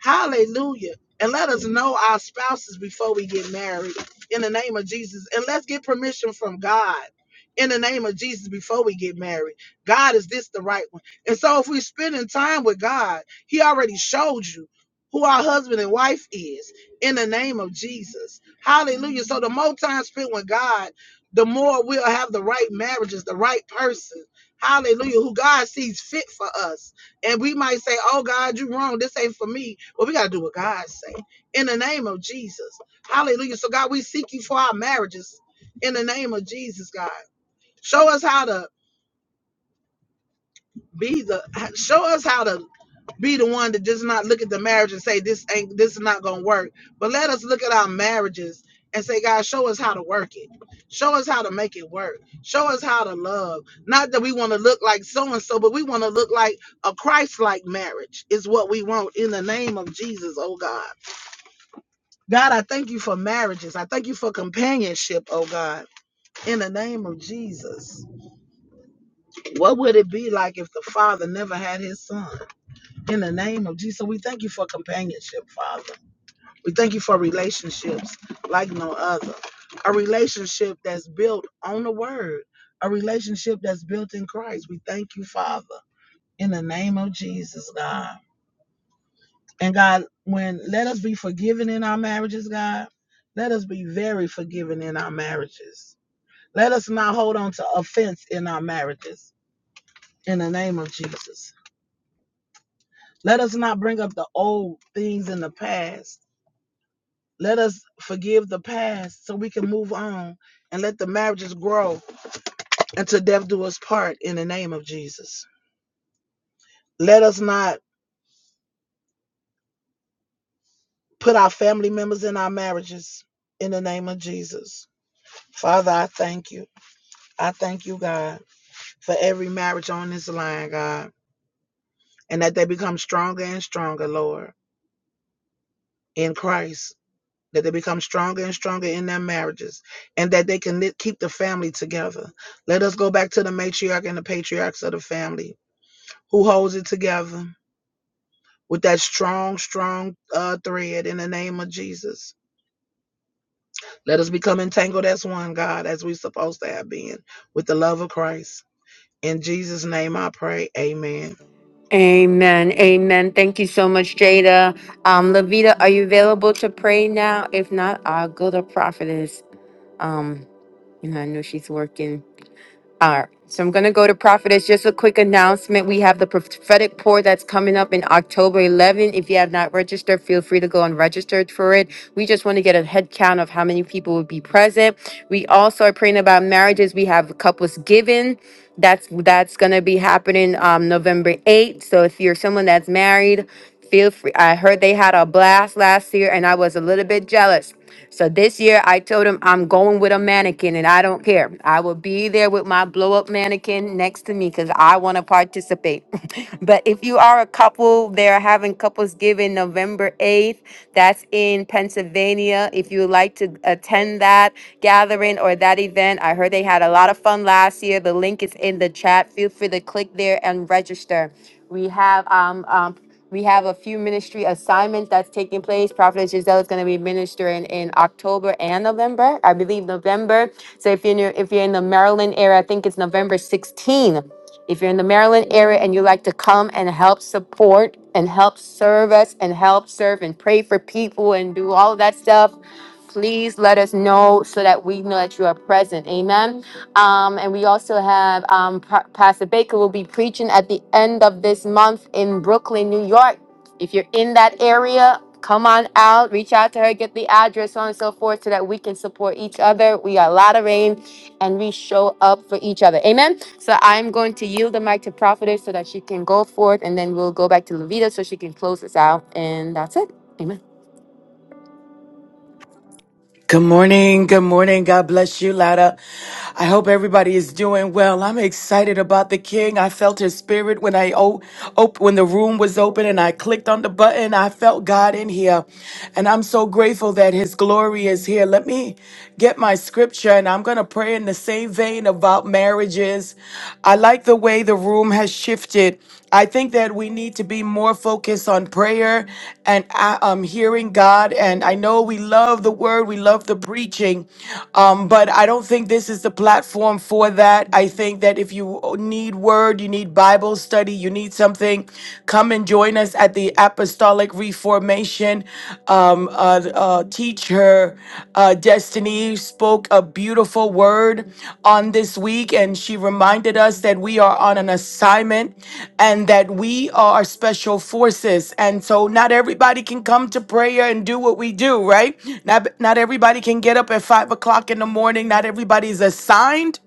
Hallelujah. And let us know our spouses before we get married in the name of Jesus. And let's get permission from God in the name of Jesus before we get married. God, is this the right one? And so if we're spending time with God, He already showed you who our husband and wife is in the name of Jesus. Hallelujah. So the more time spent with God, the more we'll have the right marriages, the right person. Hallelujah. Who God sees fit for us and we might say, "Oh God, you wrong. This ain't for me." Well, we gotta do what God say in the name of Jesus. Hallelujah. So God, we seek you for our marriages in the name of Jesus. God, show us how to be the show us how to be the one to just not look at the marriage and say this ain't this is not gonna work. But let us look at our marriages and say, God, show us how to work it. Show us how to make it work. Show us how to love. Not that we want to look like so and so, but we want to look like a Christ-like marriage is what we want in the name of Jesus, oh God. God, I thank you for marriages. I thank you for companionship, oh God, in the name of Jesus. What would it be like if the father never had his son? In the name of Jesus, we thank you for companionship, Father. We thank you for relationships like no other. A relationship that's built on the word, a relationship that's built in Christ. We thank you, Father, in the name of Jesus, God. And God, when let us be forgiven in our marriages, God, let us be very forgiven in our marriages. Let us not hold on to offense in our marriages, in the name of Jesus. Let us not bring up the old things in the past Let us forgive the past so we can move on and let the marriages grow until death do us part in the name of Jesus. Let us not put our family members in our marriages in the name of Jesus. Father, I thank you. I thank you, God, for every marriage on this line, God, and that they become stronger and stronger, Lord, in Christ. That they become stronger and stronger in their marriages and that they can keep the family together. Let us go back to the matriarch and the patriarchs of the family who holds it together with that strong, strong uh, thread in the name of Jesus. Let us become entangled as one, God, as we are supposed to have been with the love of Christ. In Jesus' name I pray. Amen. Amen. Amen. Thank you so much, Jada. Um, Levita, are you available to pray now? If not, I'll go to prophetess. Um, you know, I know she's working. All right. So I'm going to go to prophetess. Just a quick announcement. We have the prophetic pour that's coming up in October 11. If you have not registered, feel free to go and register for it. We just want to get a head count of how many people will be present. We also are praying about marriages. We have couples giving. That's that's going to be happening um, November 8th. So if you're someone that's married, Feel free. I heard they had a blast last year and I was a little bit jealous. So this year I told him I'm going with a mannequin and I don't care. I will be there with my blow up mannequin next to me because I want to participate. but if you are a couple, they're having couples giving November 8th. That's in Pennsylvania. If you would like to attend that gathering or that event, I heard they had a lot of fun last year. The link is in the chat. Feel free to click there and register. We have um, um we have a few ministry assignments that's taking place. Prophet Giselle is going to be ministering in October and November, I believe November. So if you're in, your, if you're in the Maryland area, I think it's November 16. If you're in the Maryland area and you like to come and help support and help serve us and help serve and pray for people and do all of that stuff, please let us know so that we know that you are present. Amen. Um, and we also have um, Pa- Pastor Baker will be preaching at the end of this month in Brooklyn, New York. If you're in that area, come on out, reach out to her, get the address, so on and so forth, so that we can support each other. We are rain, and we show up for each other. Amen. So I'm going to yield the mic to Prophetess so that she can go forth and then we'll go back to Levita so she can close us out. And that's it. Amen. Good morning. Good morning. God bless you, Lada. I hope everybody is doing well. I'm excited about the King. I felt his spirit when I o- op- when the room was open and I clicked on the button. I felt God in here. And I'm so grateful that his glory is here. Let me get my scripture and I'm going to pray in the same vein about marriages. I like the way way the room has shifted, I think that we need to be more focused on prayer and uh, um, hearing God. And I know we love the word, we love the preaching, um, but I don't think this is the platform for that. I think that if you need word, you need Bible study, you need something, come and join us at the Apostolic Reformation. Um, uh, uh, teacher uh, Destiny spoke a beautiful word on this week, and she reminded us that we are on an assignment and that we are special forces. And so, not everybody can come to prayer and do what we do, right? Not, not everybody can get up at five o'clock in the morning. Not everybody is assigned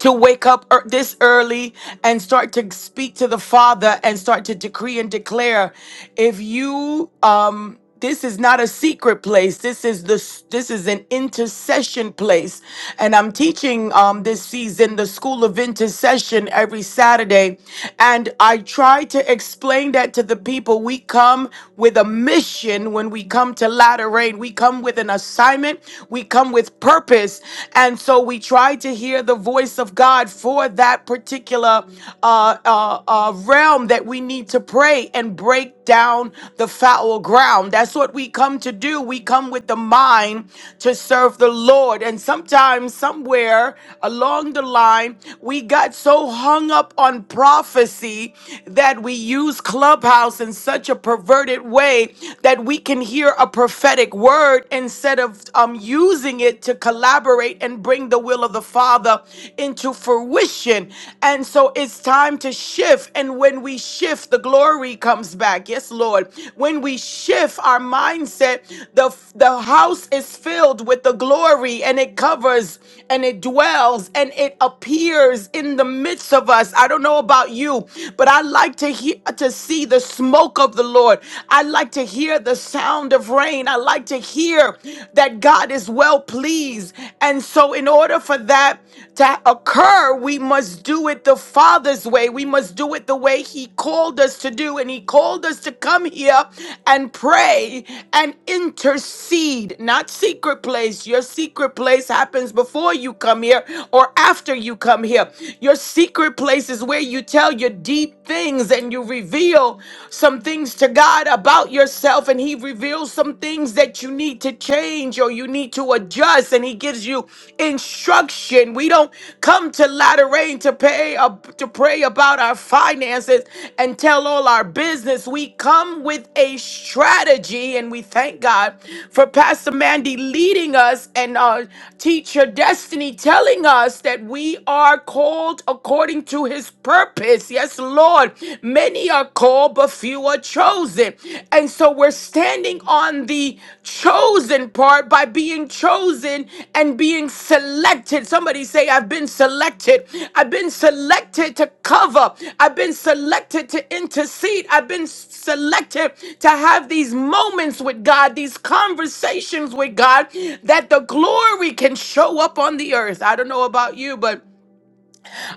to wake up ear- this early and start to speak to the Father and start to decree and declare. If you um this is not a secret place. This is the s- this is an intercession place, and I'm teaching um, this season the school of intercession every Saturday, and I try to explain that to the people. We come with a mission when we come to Latter Rain. We come with an assignment. We come with purpose, voice. And so we try to hear the voice of God for that particular uh, uh, uh, realm that we need to pray and break down the foul ground. That's what we come to do. We come with the mind to serve the Lord. And sometimes, somewhere along the line, we got so hung up on prophecy that we use Clubhouse in such a perverted way that we can hear a prophetic word instead of um, using it to collaborate and bring the will of the Father into fruition. And so it's time to shift. And when we shift, the glory comes back. Yes, Lord. When we shift our mindset, the, the house is filled with the glory and it covers and it dwells and it appears in the midst of us. I don't know about you, but I like to hear to see the smoke of the Lord. I like to hear hear the sound of rain. I like to hear that God is well pleased. And so, in order for that to occur, we must do it the Father's way. We must do it the way He called us to do. And He called us to come here and pray and intercede, not secret place. Your secret place happens before you come here or after you come here. Your secret place is where you tell your deep things and you reveal reveal some things to God about yourself, and He reveals some things that you need to change or you need to adjust, and He gives you instruction. We don't come to latter rain to pay up to pray about our finances and tell all our business. We come with a strategy, and we thank God for Pastor Mandy leading us and uh, teacher Destiny telling us that we are called according to His purpose purpose. Yes, Lord. Many are called, but few are chosen. And so we're standing on the chosen part by being chosen and being selected. Somebody say, I've been selected. I've been selected to cover. I've been selected to intercede. I've been selected to have these moments with God, these conversations with God, that the glory can show up on the earth. I don't know about you, but.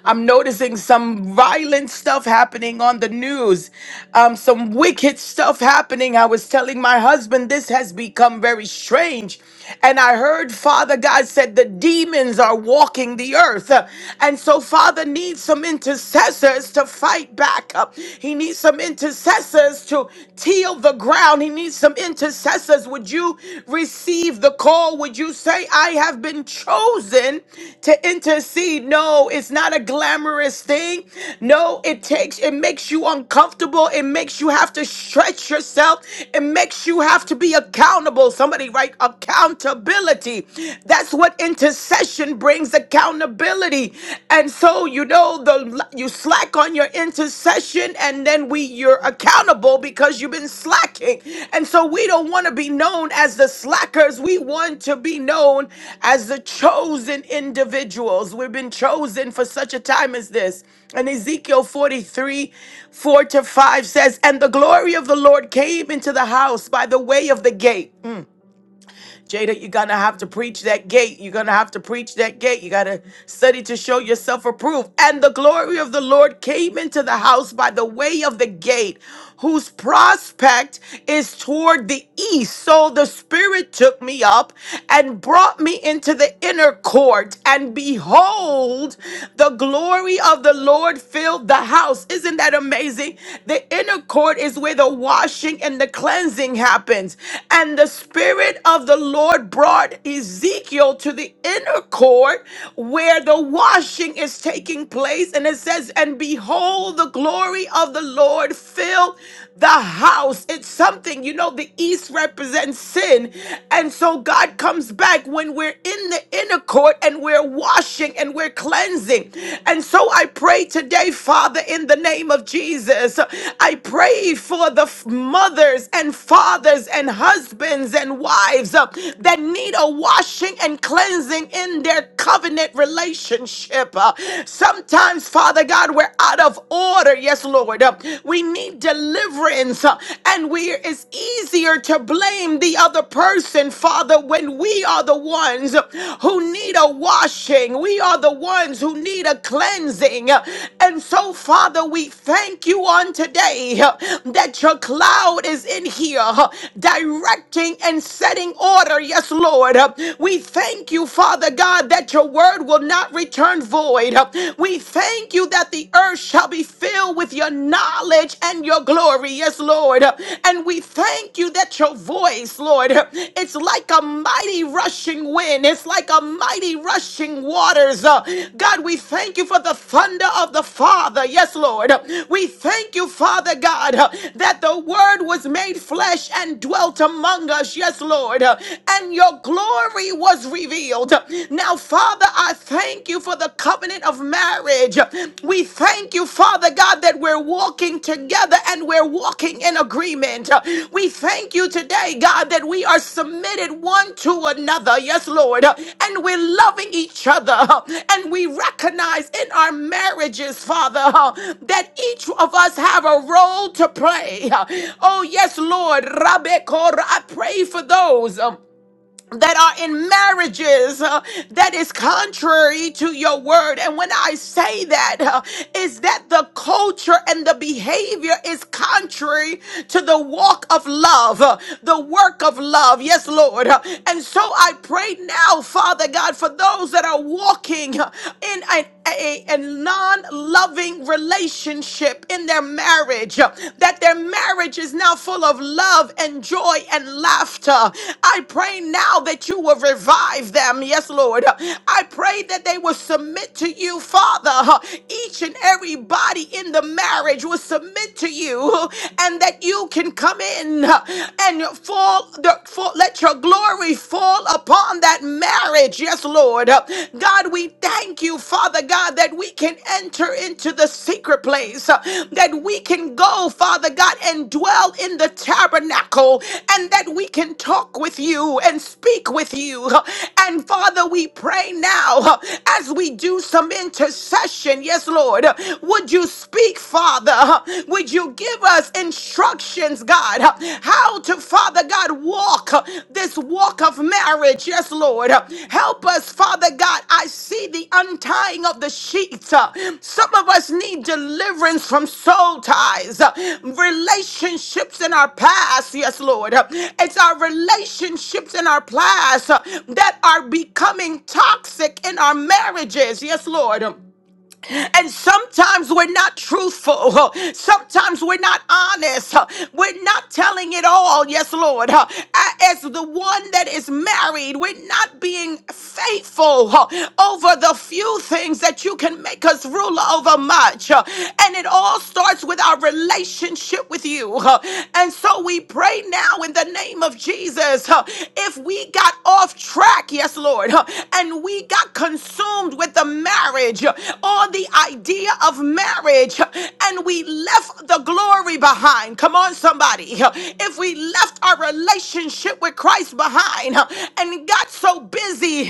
I'm noticing some violent stuff happening on the news, um, some wicked stuff happening. I was telling my husband this has become very strange. And I heard Father God said the demons are walking the earth. And so Father needs some intercessors to fight back. up. He needs some intercessors to till the ground. He needs some intercessors answers? Would you receive the call? Would you say, I have been chosen to intercede? No, it's not a glamorous thing. No, it takes, it makes you uncomfortable. It makes you have to stretch yourself. It makes you have to be accountable. Somebody write accountability. That's what intercession brings accountability. And so, you know, show the you slack on your intercession and then we you're accountable because you've been slacking. And so we don't want to be known as the slackers. We want to be known as the chosen individuals. We've been chosen for such a time as this. And Ezekiel 43, 4 to 5 says, And the glory of the Lord came into the house by the way of the gate. Jada, you're gonna have to preach that gate. You're gonna have to preach that gate. You gotta study to show yourself approved. And the glory of the Lord came into the house by the way of the gate, whose prospect is toward the east. So the Spirit took me up and brought me into the inner court. And behold, the glory of the Lord filled the house. Isn't that amazing? The inner court is where the washing and the cleansing happens. And the Spirit of the Lord. Lord brought Ezekiel to the inner court where the washing is taking place. And it says, And behold, the glory of the Lord filled the house. It's something, you know, the east represents sin. And so God comes back when we're in the inner court and we're washing and we're cleansing. And so I pray today, Father, in the name of Jesus, I pray for the f- mothers and fathers and husbands and wives that need a washing and cleansing in their covenant relationship. Uh, Sometimes, Father God, we're out of order. Yes, Lord. Uh, We need deliverance. uh, And we it's easier to blame the other person, Father, when we are the ones who need a washing. We are the ones who need a cleansing. Uh, And so, Father, we thank you on today uh, that your cloud is in here, uh, directing and setting order water. Yes, Lord. Uh, We thank you, Father God, that your word will not return void. Uh, We thank you that the earth shall be filled with your knowledge and your glory. Yes, Lord. Uh, And we thank you that your voice, Lord, uh, it's like a mighty rushing wind. It's like a mighty rushing waters. Uh, God, we thank you for the thunder of the Father. Yes, Lord. Uh, We thank you, Father God, uh, that the word was made flesh and dwelt among us. Yes, Lord and your glory was revealed. Now, Father, I thank you for the covenant of marriage. We thank you, Father God, that we're walking together and we're walking in agreement. We thank you today, God, that we are submitted one to another. Yes, Lord. And we're loving each other. And we recognize in our marriages, Father, that each of us have a role to play. Oh, yes, Lord. Rabbi Korah, I pray for those that are in marriages uh, that is contrary to your word. And when I say that, uh, is that the culture and the behavior is contrary to the walk of love, uh, the work of love. Yes, Lord. Uh, And so I pray now, Father God, for those that are walking uh, in an a, a non loving relationship in their marriage marriage, that their marriage is now full of love and joy and laughter. I pray now that you will revive them. Yes, Lord. I pray that they will submit to you, Father. Each and everybody in the marriage will submit to you and that you can come in and fall, the, fall let your glory fall upon that marriage. Yes, Lord. Lord. God, we thank you, Father God, that we can enter into the secret place, uh, that we can go, Father God, and dwell in the tabernacle, and that we can talk with you and speak with you. And Father, we pray now uh, as we do some intercession. Yes, Lord, would you speak, Father? Would you give us instructions, God? God, how to, Father God, walk uh, this walk of marriage. Yes, Lord. Help us, Father God. I see the untying of the sheets. Uh, Some of us need deliverance from soul ties, uh, relationships in our past. Yes, Lord. Uh, It's our relationships in our past uh, that are becoming toxic in our marriages. Yes, Lord. And sometimes we're not truthful. Sometimes we're not honest. We're not telling it all. Yes, Lord. As the one that is married, we're not being faithful over the few things that you can make us ruler over much. And it all starts with our relationship with you. And so we pray now in the name of Jesus. If we got off track, yes, Lord, and we got not consumed with the marriage or the idea of marriage, and we left the glory behind. Come on, somebody. If we left our relationship with Christ behind and got so busy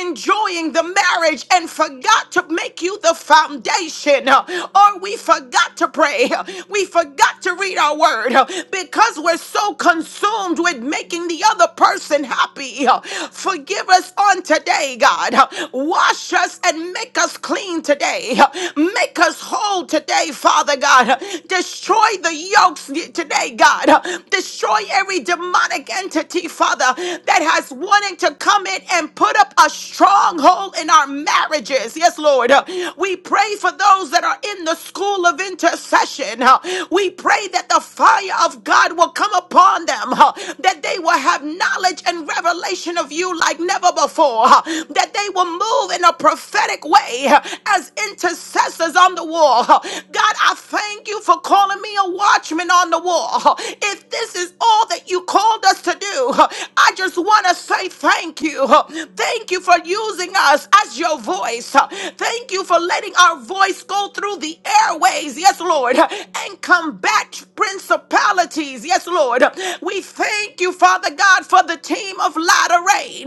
enjoying the marriage and forgot to make you the foundation, or we forgot to pray, we forgot to read our word because we're so consumed with making the other person happy iniquity. Forgive us on today, God. Wash us and make us clean today. Make us whole today, Father God. Destroy the yokes today, God. Destroy every demonic entity, Father, that has wanted to come in and put up a stronghold in our marriages. Yes, Lord. We pray for those that are in the school of intercession. We pray that the fire of God will come upon upon them, huh, that they will have knowledge and revelation of you like never before, huh, that they will move in a prophetic way huh, as intercessors on the wall. huh. God, I thank you for calling me a watchman on the wall. huh. If this is all that you called us to do, huh, I just want to say thank you. huh. Thank you for using us as your voice. huh. Thank you for letting our voice go through the airways, yes, Lord, huh, and combat principalities. Yes, Lord. We thank you, Father God, for the team of Latter-Rain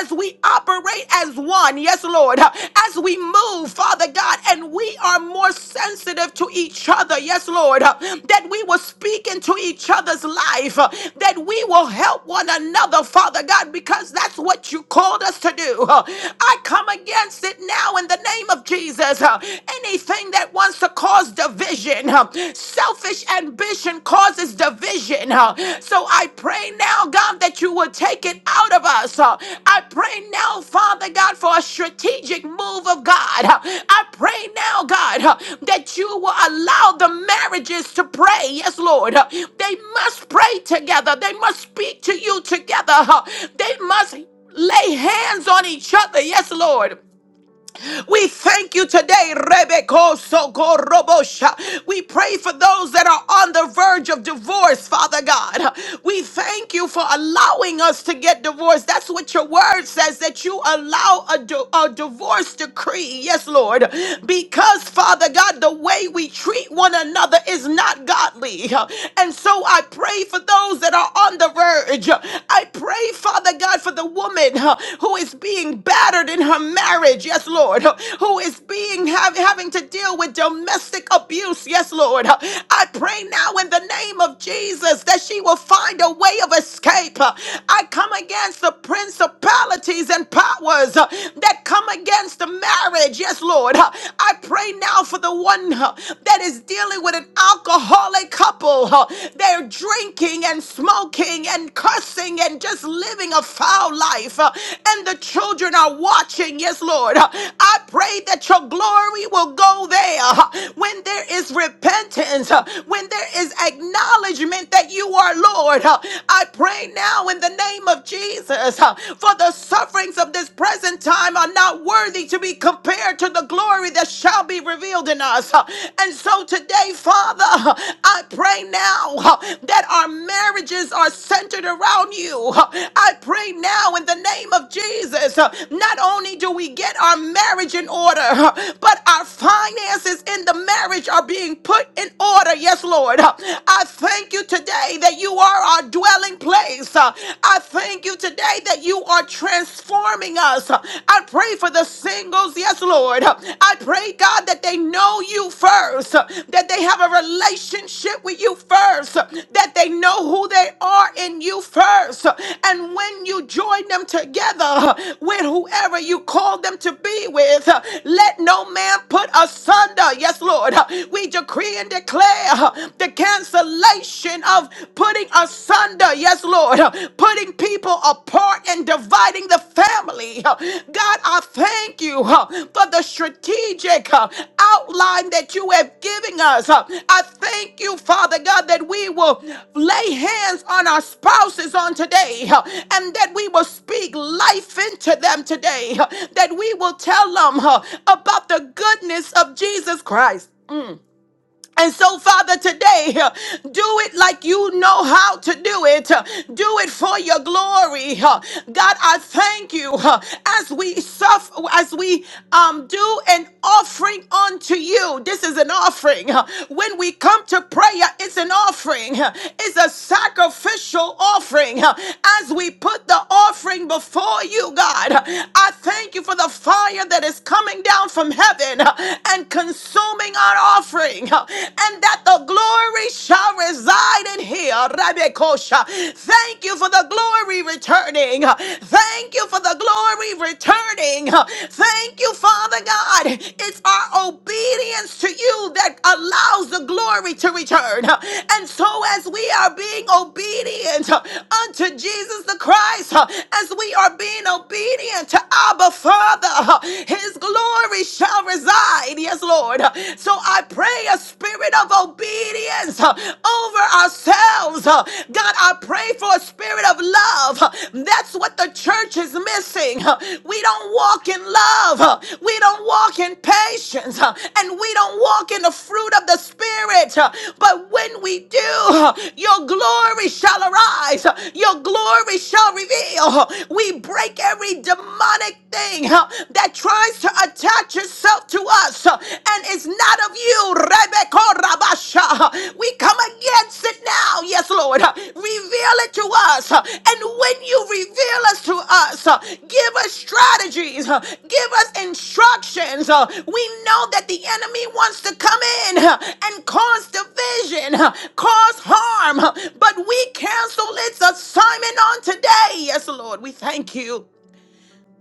as we operate as one. Yes, Lord. As we move, Father God, and we are more sensitive to each other. Yes, Lord. That we will speak into each other's life. That we will help one another, Father God, because that's what you called us to do. I come against it now in the name of Jesus. Anything that wants to cause division, huh, selfish ambition causes division. huh. So I pray now, God, that you will take it out of us. huh. I pray now, Father God, for a strategic move of God. huh. I pray now, God, huh, that you will allow the marriages to pray. Yes, Lord. huh. They must pray together, they must speak to you together, huh. they must lay hands on each other. Yes, Lord. We thank you today, Rebeko Sokorobosha. We pray for those that are on the verge of divorce, Father God. We thank you for allowing us to get divorced. That's what your word says, that you allow a, di- a divorce decree. Yes, Lord. Because, Father God, the way we treat one another is not godly. And so I pray for those that are on the verge. I pray, Father. Father God, for the woman huh, who is being battered in her marriage, yes, Lord, huh, who is being have, having to deal with domestic abuse, yes, Lord. huh. I pray now in the name of Jesus that she will find a way of escape. huh. I come against the principalities and powers huh, that come against the marriage, yes, Lord. huh. I pray now for the one huh, that is dealing with an alcoholic couple low. They're drinking and smoking and cursing and just living a foul life. huh? And the children are watching. Yes, Lord. huh? I pray that your glory will go there huh? when there is repentance, huh? when there is acknowledgement that you are Lord. huh? I pray now in the name of Jesus huh? for the sufferings of this present time are not worthy to be compared to the glory that shall be revealed in us. And so today, Father, I pray now that our marriages are centered around you. I pray now in the name of Jesus, not only do we get our marriage in order, but our finances in the marriage are being put in order. Yes, Lord. I thank you today that you are our dwelling place. I thank you today that you are transforming transforming us. I pray for the singles, yes, Lord. I pray, God, that they know you first, that they have a relationship with you first, that they know who they are in you first. And when you join them together with whoever you call them to be with, let no man put asunder, yes, Lord. We decree and declare the cancellation of putting asunder, yes, Lord, putting people apart and dividing the family. God, I thank you uh, for the strategic uh, outline that you have given us. Uh, I thank you, Father God, that we will lay hands on our spouses on today uh, and that we will speak life into them today, uh, that we will tell them uh, about the goodness of Jesus Christ. And so, Father, today, uh, do it like you know how to do it. Uh, Do it for your glory. Uh, God, I thank you uh, as we suffer, as we um, do an offering unto you. This is an offering. Uh, When we come to prayer, it's an offering. Uh, It's a sacrificial offering. Uh, As we put the offering before you, God, uh, I thank you for the fire that is coming down from heaven uh, and consuming our offering, and that the glory shall reside in here. Rabekosha. Thank you for the glory returning. Thank you for the glory returning. Thank you, Father God. It's our obedience to you that allows the glory to return. And so, as we are being obedient unto Jesus the Christ, as we are being obedient to Abba Father, His glory glory shall reside. Yes, Lord. So I pray a spirit of obedience uh, over ourselves. Uh, God, I pray for a spirit of love. Uh, That's what the church is missing. Uh, We don't walk in love. Uh, We don't walk in patience. Uh, And we don't walk in the fruit of the spirit. Uh, But when we do, uh, your glory shall arise. Uh, Your glory shall reveal. Uh, We break every demonic thing Uh, that tries to attach itself to us uh, and is not of you, Rebecca Rabasha. Uh, We come against it now, yes, Lord. Uh, Reveal it to us. Uh, And when you reveal us to us, uh, give us strategies, uh, give us instructions. Uh, We know that the enemy wants to come in uh, and cause division, uh, cause harm, uh, but we cancel its assignment on today. Yes, Lord, we thank you.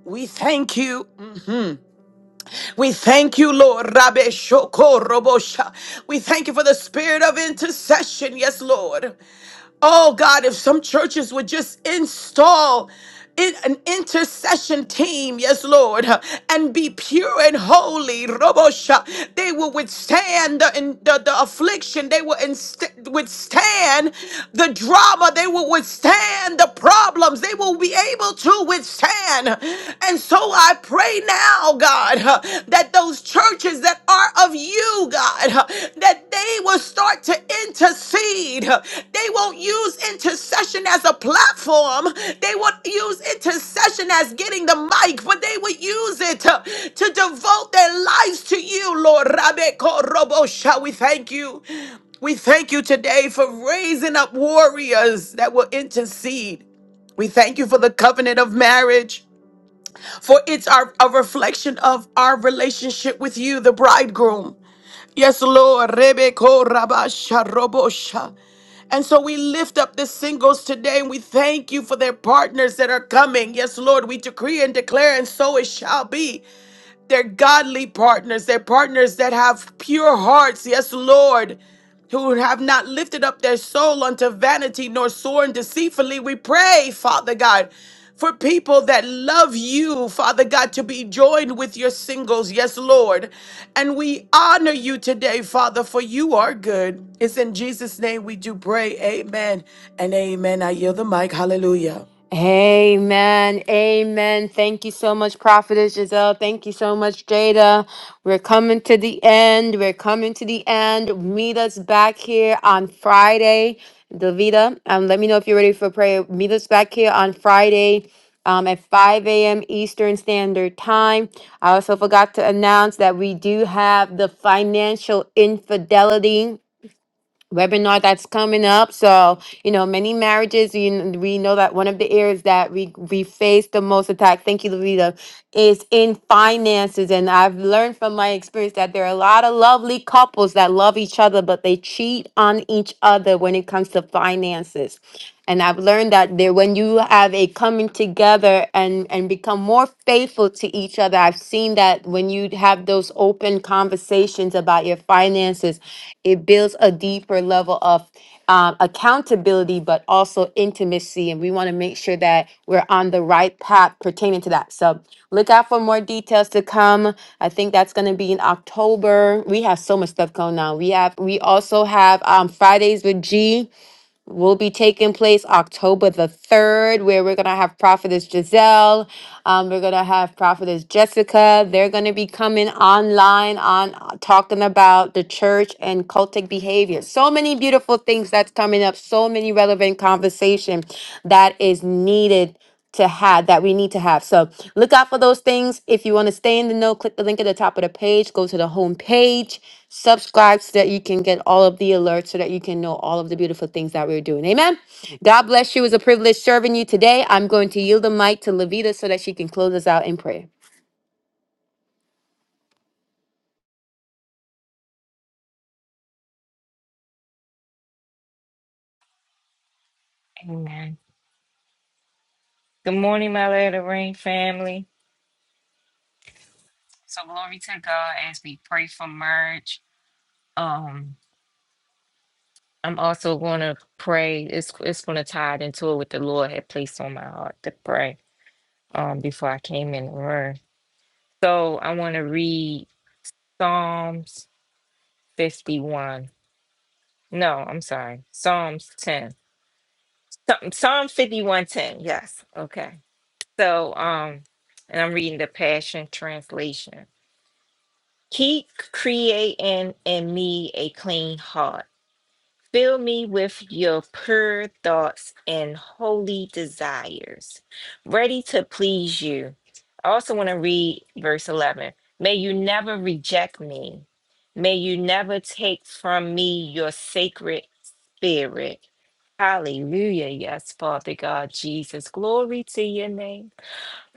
We thank you. We thank you, Lord. Rabbe Shoko Robosha. We thank you for the spirit of intercession. Yes, Lord. Oh God, if some churches would just install in an intercession team, yes, Lord, and be pure and holy, Robosha, they will withstand the, in- the, the affliction, they will inst- withstand the drama, they will withstand the problems, they will be able to withstand. And so I pray now, God, that those those churches that are of you, God, that they will start to intercede. They won't use intercession as a platform, they won't use intercession as getting the mic, but they will use it to, to devote their lives to you, Lord. Rabbe Korobosha, we thank you. We thank you today for raising up warriors that will intercede. We thank you for the covenant of marriage for it's our, a reflection of our relationship with you, the bridegroom. Yes, Lord. Rebeko rabasha robosha. And so we lift up the singles today and we thank you for their partners that are coming. Yes, Lord, we decree and declare, and so it shall be. They're godly partners. They're partners that have pure hearts. Yes, Lord. Who have not lifted up their soul unto vanity nor sworn deceitfully. We pray, Father God, for people that love you, Father God, to be joined with your singles. Yes, Lord. And we honor you today, Father, for you are good. It's in Jesus' name we do pray. Amen and amen. I yield the mic. Hallelujah. Amen. Amen. Thank you so much, Prophetess Giselle. Thank you so much, Jada. We're coming to the end. We're coming to the end. Meet us back here on Friday. Davida, um, let me know if you're ready for prayer. Meet us back here on Friday um, at 5 a.m. Eastern Standard Time. I also forgot to announce that we do have the financial infidelity webinar that's coming up. So, you know, many marriages, you, kn- we know that one of the areas that we, we face the most attack, thank you, Levita, is in finances. And I've learned from my experience that there are a lot of lovely couples that love each other, but they cheat on each other when it comes to finances. And I've learned that there, when you have a coming together and and become more faithful to each other, I've seen that when you have those open conversations about your finances, it builds a deeper level of um, accountability, but also intimacy. And we want to make sure that we're on the right path pertaining to that. So look out for more details to come. I think that's going to be in October. We have so much stuff going on. We have we also have um, Fridays with G will be taking place October the 3rd, where we're going to have Prophetess Giselle. Um, we're going to have Prophetess Jessica. They're going to be coming online on uh, talking about the church and cultic behavior. So many beautiful things that's coming up, so many relevant conversation that is needed to have that we need to have. So look out for those things. If you want to stay in the know, click the link at the top of the page, go to the home page, subscribe so that you can get all of the alerts so that you can know all of the beautiful things that we're doing. Amen. God bless you. It's a privilege serving you today. I'm going to yield the mic to Levita so that she can close us out in prayer. Amen. Good morning, my Lord Latter Rain family. So glory to God as we pray for merge. Um, I'm also gonna pray. It's it's gonna tie it into it what the Lord had placed on my heart to pray um before I came in the room. So I wanna read Psalms 51. No, I'm sorry, Psalms 10. Psalm Psalm 51 10, yes. Okay. So um and I'm reading the Passion Translation. Keep creating in me a clean heart. Fill me with your pure thoughts and holy desires, ready to please you. I also want to read verse 11. May you never reject me. May you never take from me your sacred spirit. Hallelujah. Yes, Father God, Jesus. Glory to your name.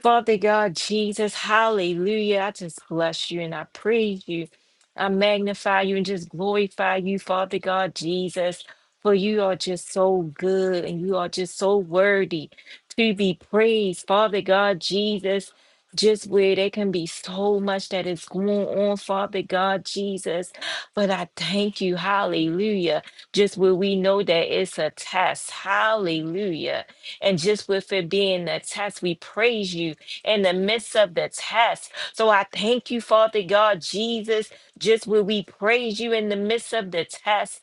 Father God, Jesus, hallelujah. I just bless you and I praise you. I magnify you and just glorify you, Father God, Jesus, for you are just so good and you are just so worthy to be praised, Father God, Jesus. Just where there can be so much that is going on, Father God, Jesus. But I thank you, hallelujah. Just where we know that it's a test, hallelujah and just with it being a test, we praise you in the midst of the test. So I thank you, Father God, Jesus, just where we praise you in the midst of the test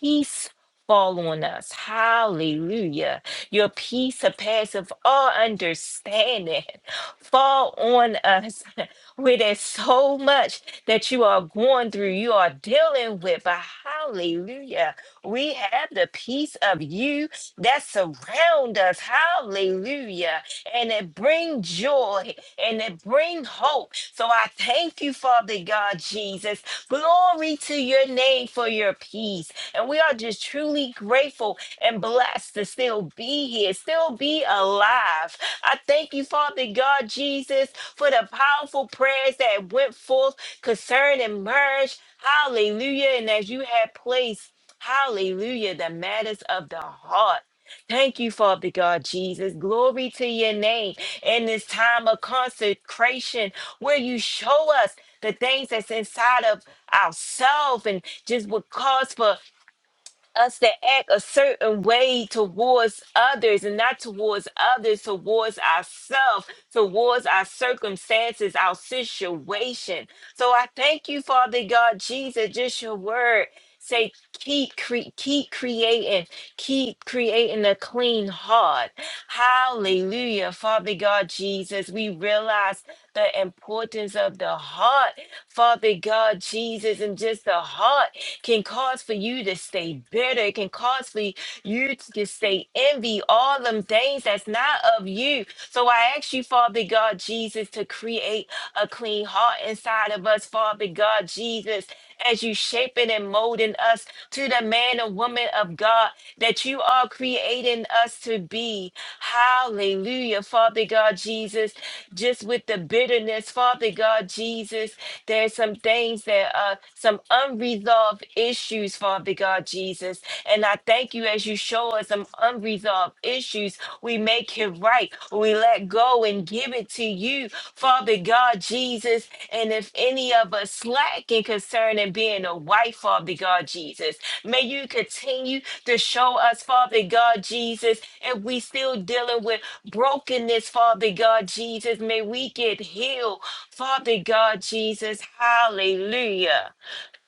peace fall on us. Hallelujah. Your peace surpasses all understanding. Fall on us where there's so much that you are going through, you are dealing with. But hallelujah, we have the peace of you that surround us. Hallelujah. And it brings joy and it brings hope. So I thank you, Father God Jesus. Glory to your name for your peace. And we are just truly grateful and blessed to still be here, still be alive. I thank you, Father God Jesus, for the powerful prayers that went forth concerning merge. Hallelujah. And as you had placed, hallelujah, the matters of the heart. Thank you, Father God Jesus. Glory to your name in this time of consecration where you show us the things that's inside of ourselves and just what calls for us to act a certain way towards others and not towards others, towards ourselves, towards our circumstances, our situation. So I thank you, Father God, Jesus, just your word. Say, keep, cre- keep creating, keep creating a clean heart. Hallelujah, Father God, Jesus. We realize the importance of the heart, Father God, Jesus, and just the heart can cause for you to stay bitter. It can cause for you to stay envy, all them things that's not of you. So I ask you, Father God Jesus, to create a clean heart inside of us, Father God Jesus, as you shaping and molding us to the man and woman of God that you are creating us to be. Hallelujah, Father God Jesus, just with the bitterness, Father God Jesus. There's some things that are some unresolved issues, Father God Jesus. And I thank you as you show us some unresolved issues. We make it right. We let go and give it to you, Father God Jesus. And if any of us slack in concern and being a wife, Father God Jesus, may you continue to show us, Father God Jesus, if we still dealing with brokenness, Father God Jesus, may we get healed Father God Jesus, hallelujah.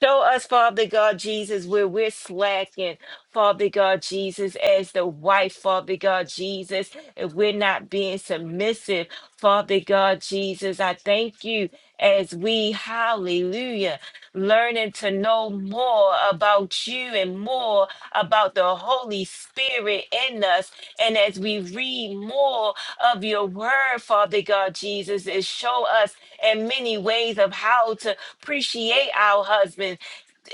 Show us, Father God Jesus, where we're slacking, Father God Jesus, as the wife, Father God Jesus, if we're not being submissive, Father God Jesus. I thank you as we, hallelujah, learning to know more about you and more about the Holy Spirit in us and as we read more of your word, Father God Jesus, it show us in many ways of how to appreciate our husbands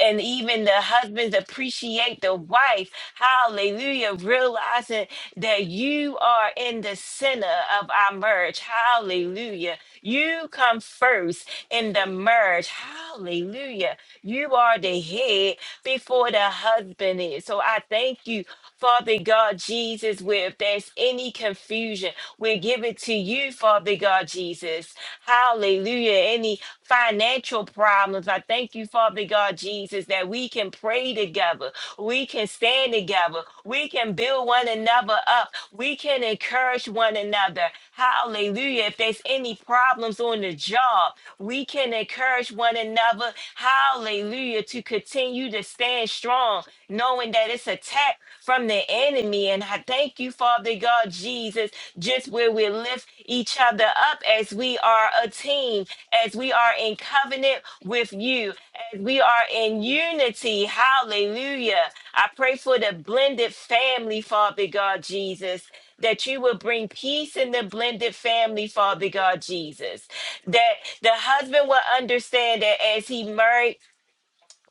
and even the husbands appreciate the wife. Hallelujah. Realizing that you are in the center of our marriage. Hallelujah. You come first in the marriage. Hallelujah. You are the head before the husband is. So I thank you Father God Jesus, where if there's any confusion, we give it to you, Father God Jesus. Hallelujah. Any financial problems, I thank you, Father God Jesus, that we can pray together, we can stand together, we can build one another up. We can encourage one another. Hallelujah. If there's any problems on the job, we can encourage one another. Hallelujah. To continue to stand strong, knowing that it's attack from the enemy. And I thank you, Father God, Jesus, just where we lift each other up as we we are a team, as we are in covenant with you, as we are in unity. Hallelujah. I pray for the blended family, Father God Jesus. That you will bring peace in the blended family, Father God Jesus. That the husband will understand that as he married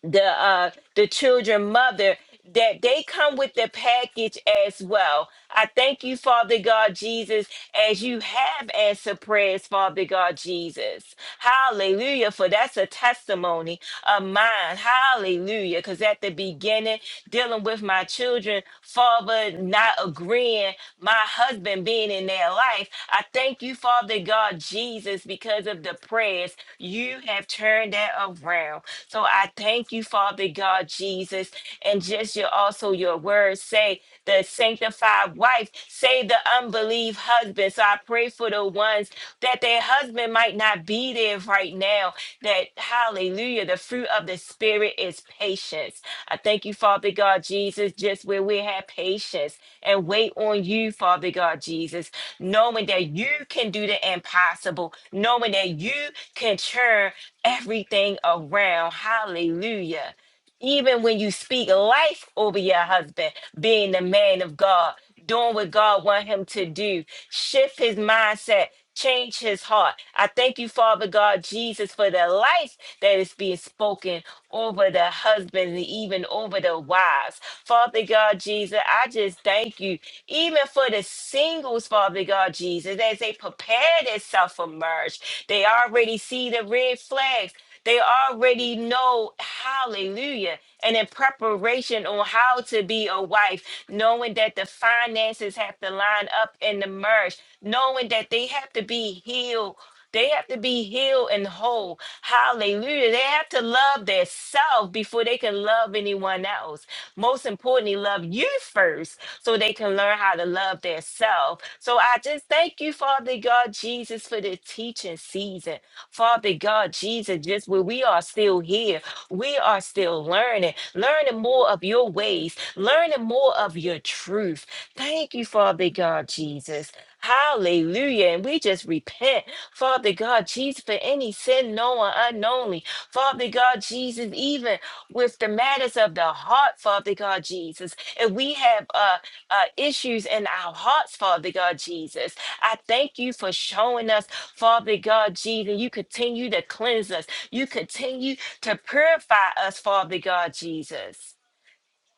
the uh the children mother that they come with the package as well. I thank you, Father God Jesus, as you have answered prayers, Father God Jesus. Hallelujah. For that's a testimony of mine. Hallelujah. Because at the beginning, dealing with my children, Father not agreeing, my husband being in their life. I thank you, Father God, Jesus, because of the prayers, you have turned that around. So I thank you, Father God, Jesus, and just your also your words say the sanctified wife, say the unbelieved husband. So I pray for the ones that their husband might not be there right now. That hallelujah, the fruit of the spirit is patience I thank you, Father God Jesus, just where we have patience and wait on you, Father God Jesus, knowing that you can do the impossible, knowing that you can turn everything around. Hallelujah even when you speak life over your husband, being the man of God, doing what God want him to do, shift his mindset, change his heart. I thank you, Father God, Jesus, for the life that is being spoken over the husbands and even over the wives. Father God, Jesus, I just thank you, even for the singles, Father God, Jesus, as they prepare themselves for marriage, they already see the red flags. They already know, hallelujah, and in preparation on how to be a wife, knowing that the finances have to line up and the merge, knowing that they have to be healed. They have to be healed and whole. Hallelujah. They have to love their self before they can love anyone else. Most importantly, love you first so they can learn how to love their self. So I just thank you, Father God, Jesus, for the teaching season. Father God, Jesus, just where we are still here, we are still learning, learning more of your ways, learning more of your truth. Thank you, Father God, Jesus. Hallelujah. And we just repent, Father God, Jesus, for any sin known and unknownly. Father God, Jesus, even with the matters of the heart, Father God, Jesus. If we have uh, uh, issues in our hearts, Father God, Jesus. I thank you for showing us, Father God, Jesus. You continue to cleanse us. You continue to purify us, Father God, Jesus.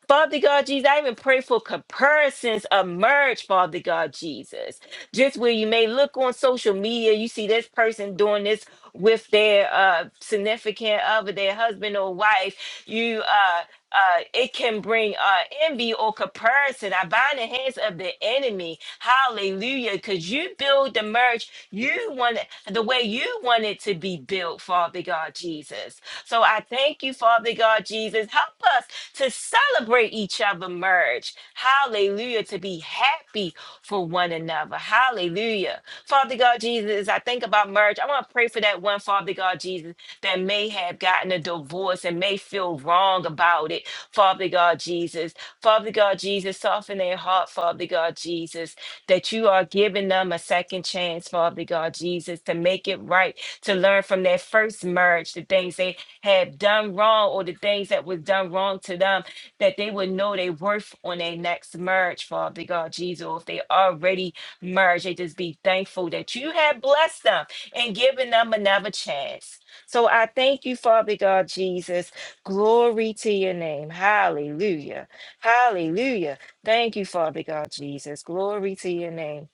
Father God Jesus, I even pray for comparisons emerge, Father God Jesus. Just where you may look on social media, you see this person doing this with their uh, significant other, their husband or wife. You, uh, uh, it can bring uh, envy or comparison. I bind the hands of the enemy. Hallelujah! Because you build the merge, you want it- the way you want it to be built, Father God Jesus. So I thank you, Father God Jesus. Help us to celebrate each other merge. Hallelujah. To be happy for one another. Hallelujah. Father God Jesus, as I think about merge, I want to pray for that one, Father God Jesus, that may have gotten a divorce and may feel wrong about it. Father God Jesus. Father God Jesus, soften their heart, Father God Jesus, that you are giving them a second chance, Father God Jesus, to make it right, to learn from their first merge the things they have done wrong or the things that was done wrong to them, that they would know their worth on their next marriage, Father God, Jesus. Or if they already married, they just be thankful that you have blessed them and given them another chance. So I thank you, Father God, Jesus. Glory to your name. Hallelujah. Hallelujah. Thank you, Father God, Jesus. Glory to your name.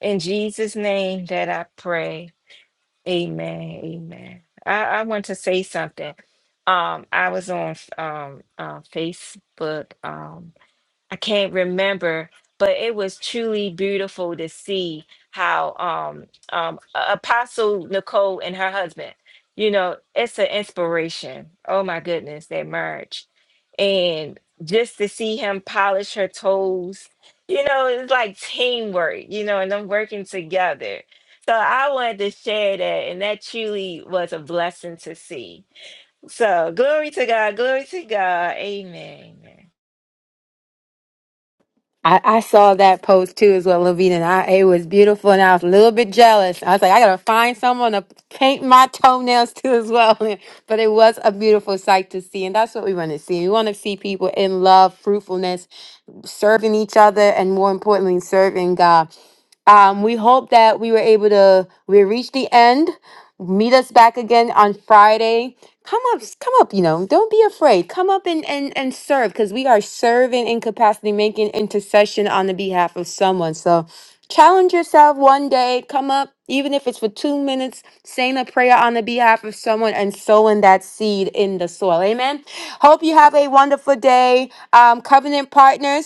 In Jesus' name that I pray. Amen. Amen. I, I want to say something. Um, I was on f- um, uh, Facebook. Um, I can't remember, but it was truly beautiful to see how um, um, A- Apostle Nicole and her husband, you know, it's an inspiration. Oh my goodness, that marriage. And just to see him polish her toes, you know, it's like teamwork, you know, and them working together. So I wanted to share that, and that truly was a blessing to see. So glory to God, glory to God. Amen. I, I saw that post too as well, Levine, and I it was beautiful, and I was a little bit jealous. I was like, I gotta find someone to paint my toenails too as well. But it was a beautiful sight to see, and that's what we want to see. We want to see people in love, fruitfulness, serving each other, and more importantly, serving God. Um, we hope that we were able to we reached the end. Meet us back again on Friday. Come up, come up, you know, don't be afraid. Come up and and, and serve because we are serving in capacity, making intercession on the behalf of someone. So challenge yourself one day. Come up, even if it's for two minutes, saying a prayer on the behalf of someone and sowing that seed in the soil. Amen. Hope you have a wonderful day. Um, covenant partners.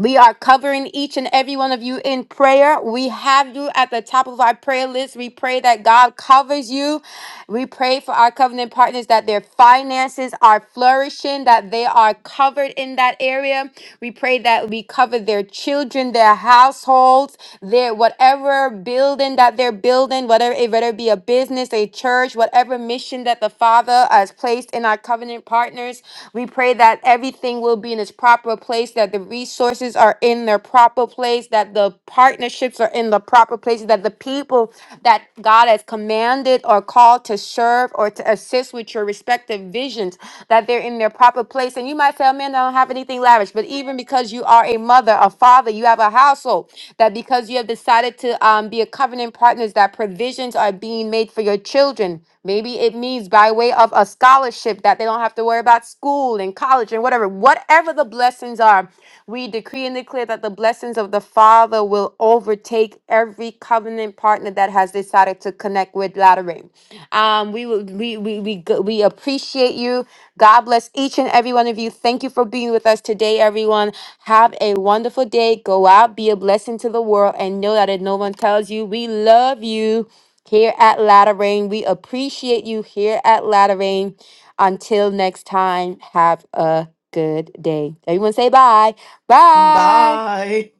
We are covering each and every one of you in prayer. We have you at the top of our prayer list. We pray that God covers you. We pray for our covenant partners that their finances are flourishing, that they are covered in that area. We pray that we cover their children, their households, their whatever building that they're building, whether it whether it be a business, a church church, whatever mission that the Father has placed in our covenant partners. We pray that everything will be in its proper place, that the resources are in their proper place, that the partnerships are in the proper places, that the people that God has commanded or called to serve or to assist with your respective visions, that they're in their proper place. And you might say, "Oh, man, I don't have anything lavish. But even because you are a mother, a father, you have a household, that because you have decided to um, be a covenant partners, that provisions are being made for your children. Maybe it means by way of a scholarship that they don't have to worry about school and college and whatever. Whatever the blessings are, we decree and declare that the blessings of the Father will overtake every covenant partner that has decided to connect with Latter um, we will, we we we go- we appreciate you. God bless each and every one of you. Thank you for being with us today, everyone. Have a wonderful day. Go out, be a blessing to the world, and know that if no one tells you, we love you here at Latter Rain. We appreciate you here at Latter Rain. Until next time, have a good day. Everyone say bye. Bye. Bye.